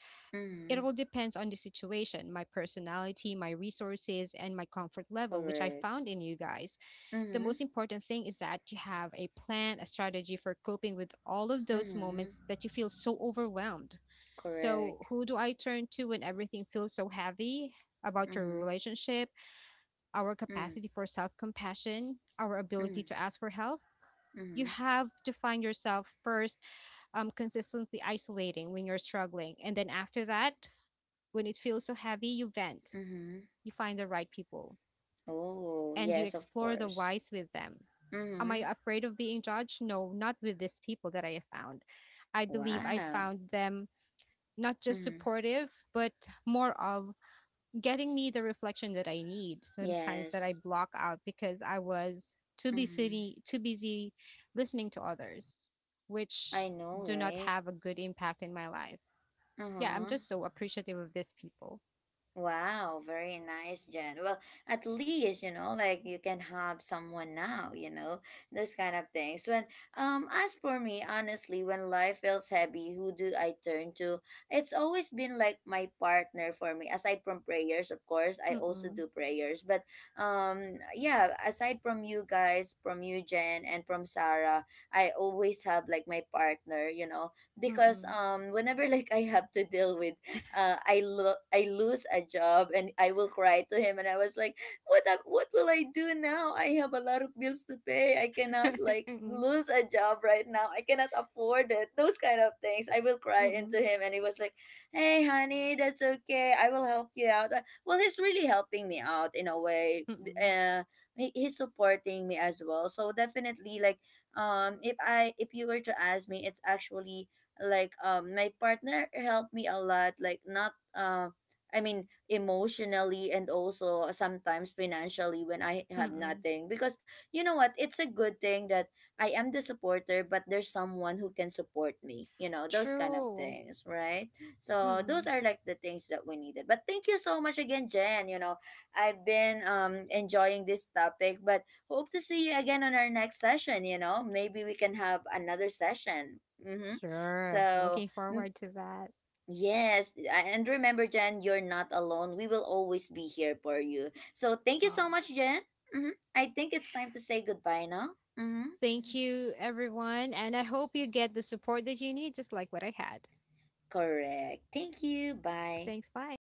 Speaker 2: it
Speaker 1: Mm-hmm.
Speaker 2: all depends on the situation, my personality, my resources, and my comfort level, which I
Speaker 1: Correct.
Speaker 2: found in you guys. The
Speaker 1: Mm-hmm.
Speaker 2: most important thing is that you have a plan, a strategy for coping with all of those moments
Speaker 1: Mm-hmm.
Speaker 2: that you feel so overwhelmed. So,
Speaker 1: Correct.
Speaker 2: who do I turn to when everything feels so heavy about your
Speaker 1: Mm-hmm.
Speaker 2: relationship, our
Speaker 1: Mm.
Speaker 2: capacity for self compassion, our ability
Speaker 1: Mm.
Speaker 2: to ask for help? You
Speaker 1: Mm-hmm.
Speaker 2: have to find yourself first, um, consistently isolating when you're struggling. And then after that, when it feels so heavy, you vent,
Speaker 1: Mm-hmm.
Speaker 2: you find the right people,
Speaker 1: Oh,
Speaker 2: and you
Speaker 1: yes, of
Speaker 2: explore the
Speaker 1: course.
Speaker 2: whys with them. Am I
Speaker 1: Mm-hmm.
Speaker 2: afraid of being judged? No, not with these people that I have found. I believe I
Speaker 1: Wow.
Speaker 2: found them not just
Speaker 1: Mm-hmm.
Speaker 2: supportive, but more of getting me the reflection that I need sometimes, that I
Speaker 1: Yes.
Speaker 2: block out because I was too
Speaker 1: Mm-hmm.
Speaker 2: busy too busy listening to others, which
Speaker 1: I know,
Speaker 2: do not
Speaker 1: right?
Speaker 2: have a good impact in my life.
Speaker 1: Uh
Speaker 2: Yeah, I'm
Speaker 1: huh.
Speaker 2: just so appreciative of these people.
Speaker 1: Wow, very nice, Jen. Well, at least, you know, like you can have someone now, you know, this kind of things. When um as for me, honestly, when life feels heavy, who do I turn to? It's always been like my partner for me. Aside from prayers, of course, I also
Speaker 2: Mm-mm,
Speaker 1: do prayers. But um yeah, aside from you guys, from you, Jen, and from Sarah, I always have like my partner, you know,
Speaker 2: mm-mm,
Speaker 1: because um whenever (laughs) like I have to deal with uh, I lo- I lose a job and I will cry to him and I was like, what am- what will I do now, I have a lot of bills to pay, I cannot like
Speaker 2: mm-mm,
Speaker 1: lose a job right now, I cannot afford it, those kind of things. I will cry
Speaker 2: mm-mm,
Speaker 1: into him and he was like, hey honey, that's okay, I will help you out. Uh, well, he's really helping me out in a way.
Speaker 2: mm-mm,
Speaker 1: uh, he, he's supporting me as well, so definitely like um if i if you were to ask me, it's actually like um my partner helped me a lot, like not uh I mean emotionally and also sometimes financially when I have
Speaker 2: mm-mm.
Speaker 1: nothing, because you know what, it's a good thing that I am the supporter but there's someone who can support me, you know, those kind of
Speaker 2: True.
Speaker 1: things, right? So those
Speaker 2: Mm-mm.
Speaker 1: are like the things that we needed. But thank you so much again, Jen, you know, I've been um enjoying this topic, but hope to see you again on our next session, you know, maybe we can have another session. Mm-hmm.
Speaker 2: Sure.
Speaker 1: So,
Speaker 2: Looking
Speaker 1: mm,
Speaker 2: forward to that.
Speaker 1: yes, a- and remember, Jen, you're not alone. We will always be here for you. So, thank you so
Speaker 2: Aw.
Speaker 1: much, Jen. hmm I think it's time to say goodbye now. hmm
Speaker 2: Thank you, everyone. And I hope you get the support that you need, just like what I had.
Speaker 1: Correct. Thank you. Bye.
Speaker 2: Thanks. Bye.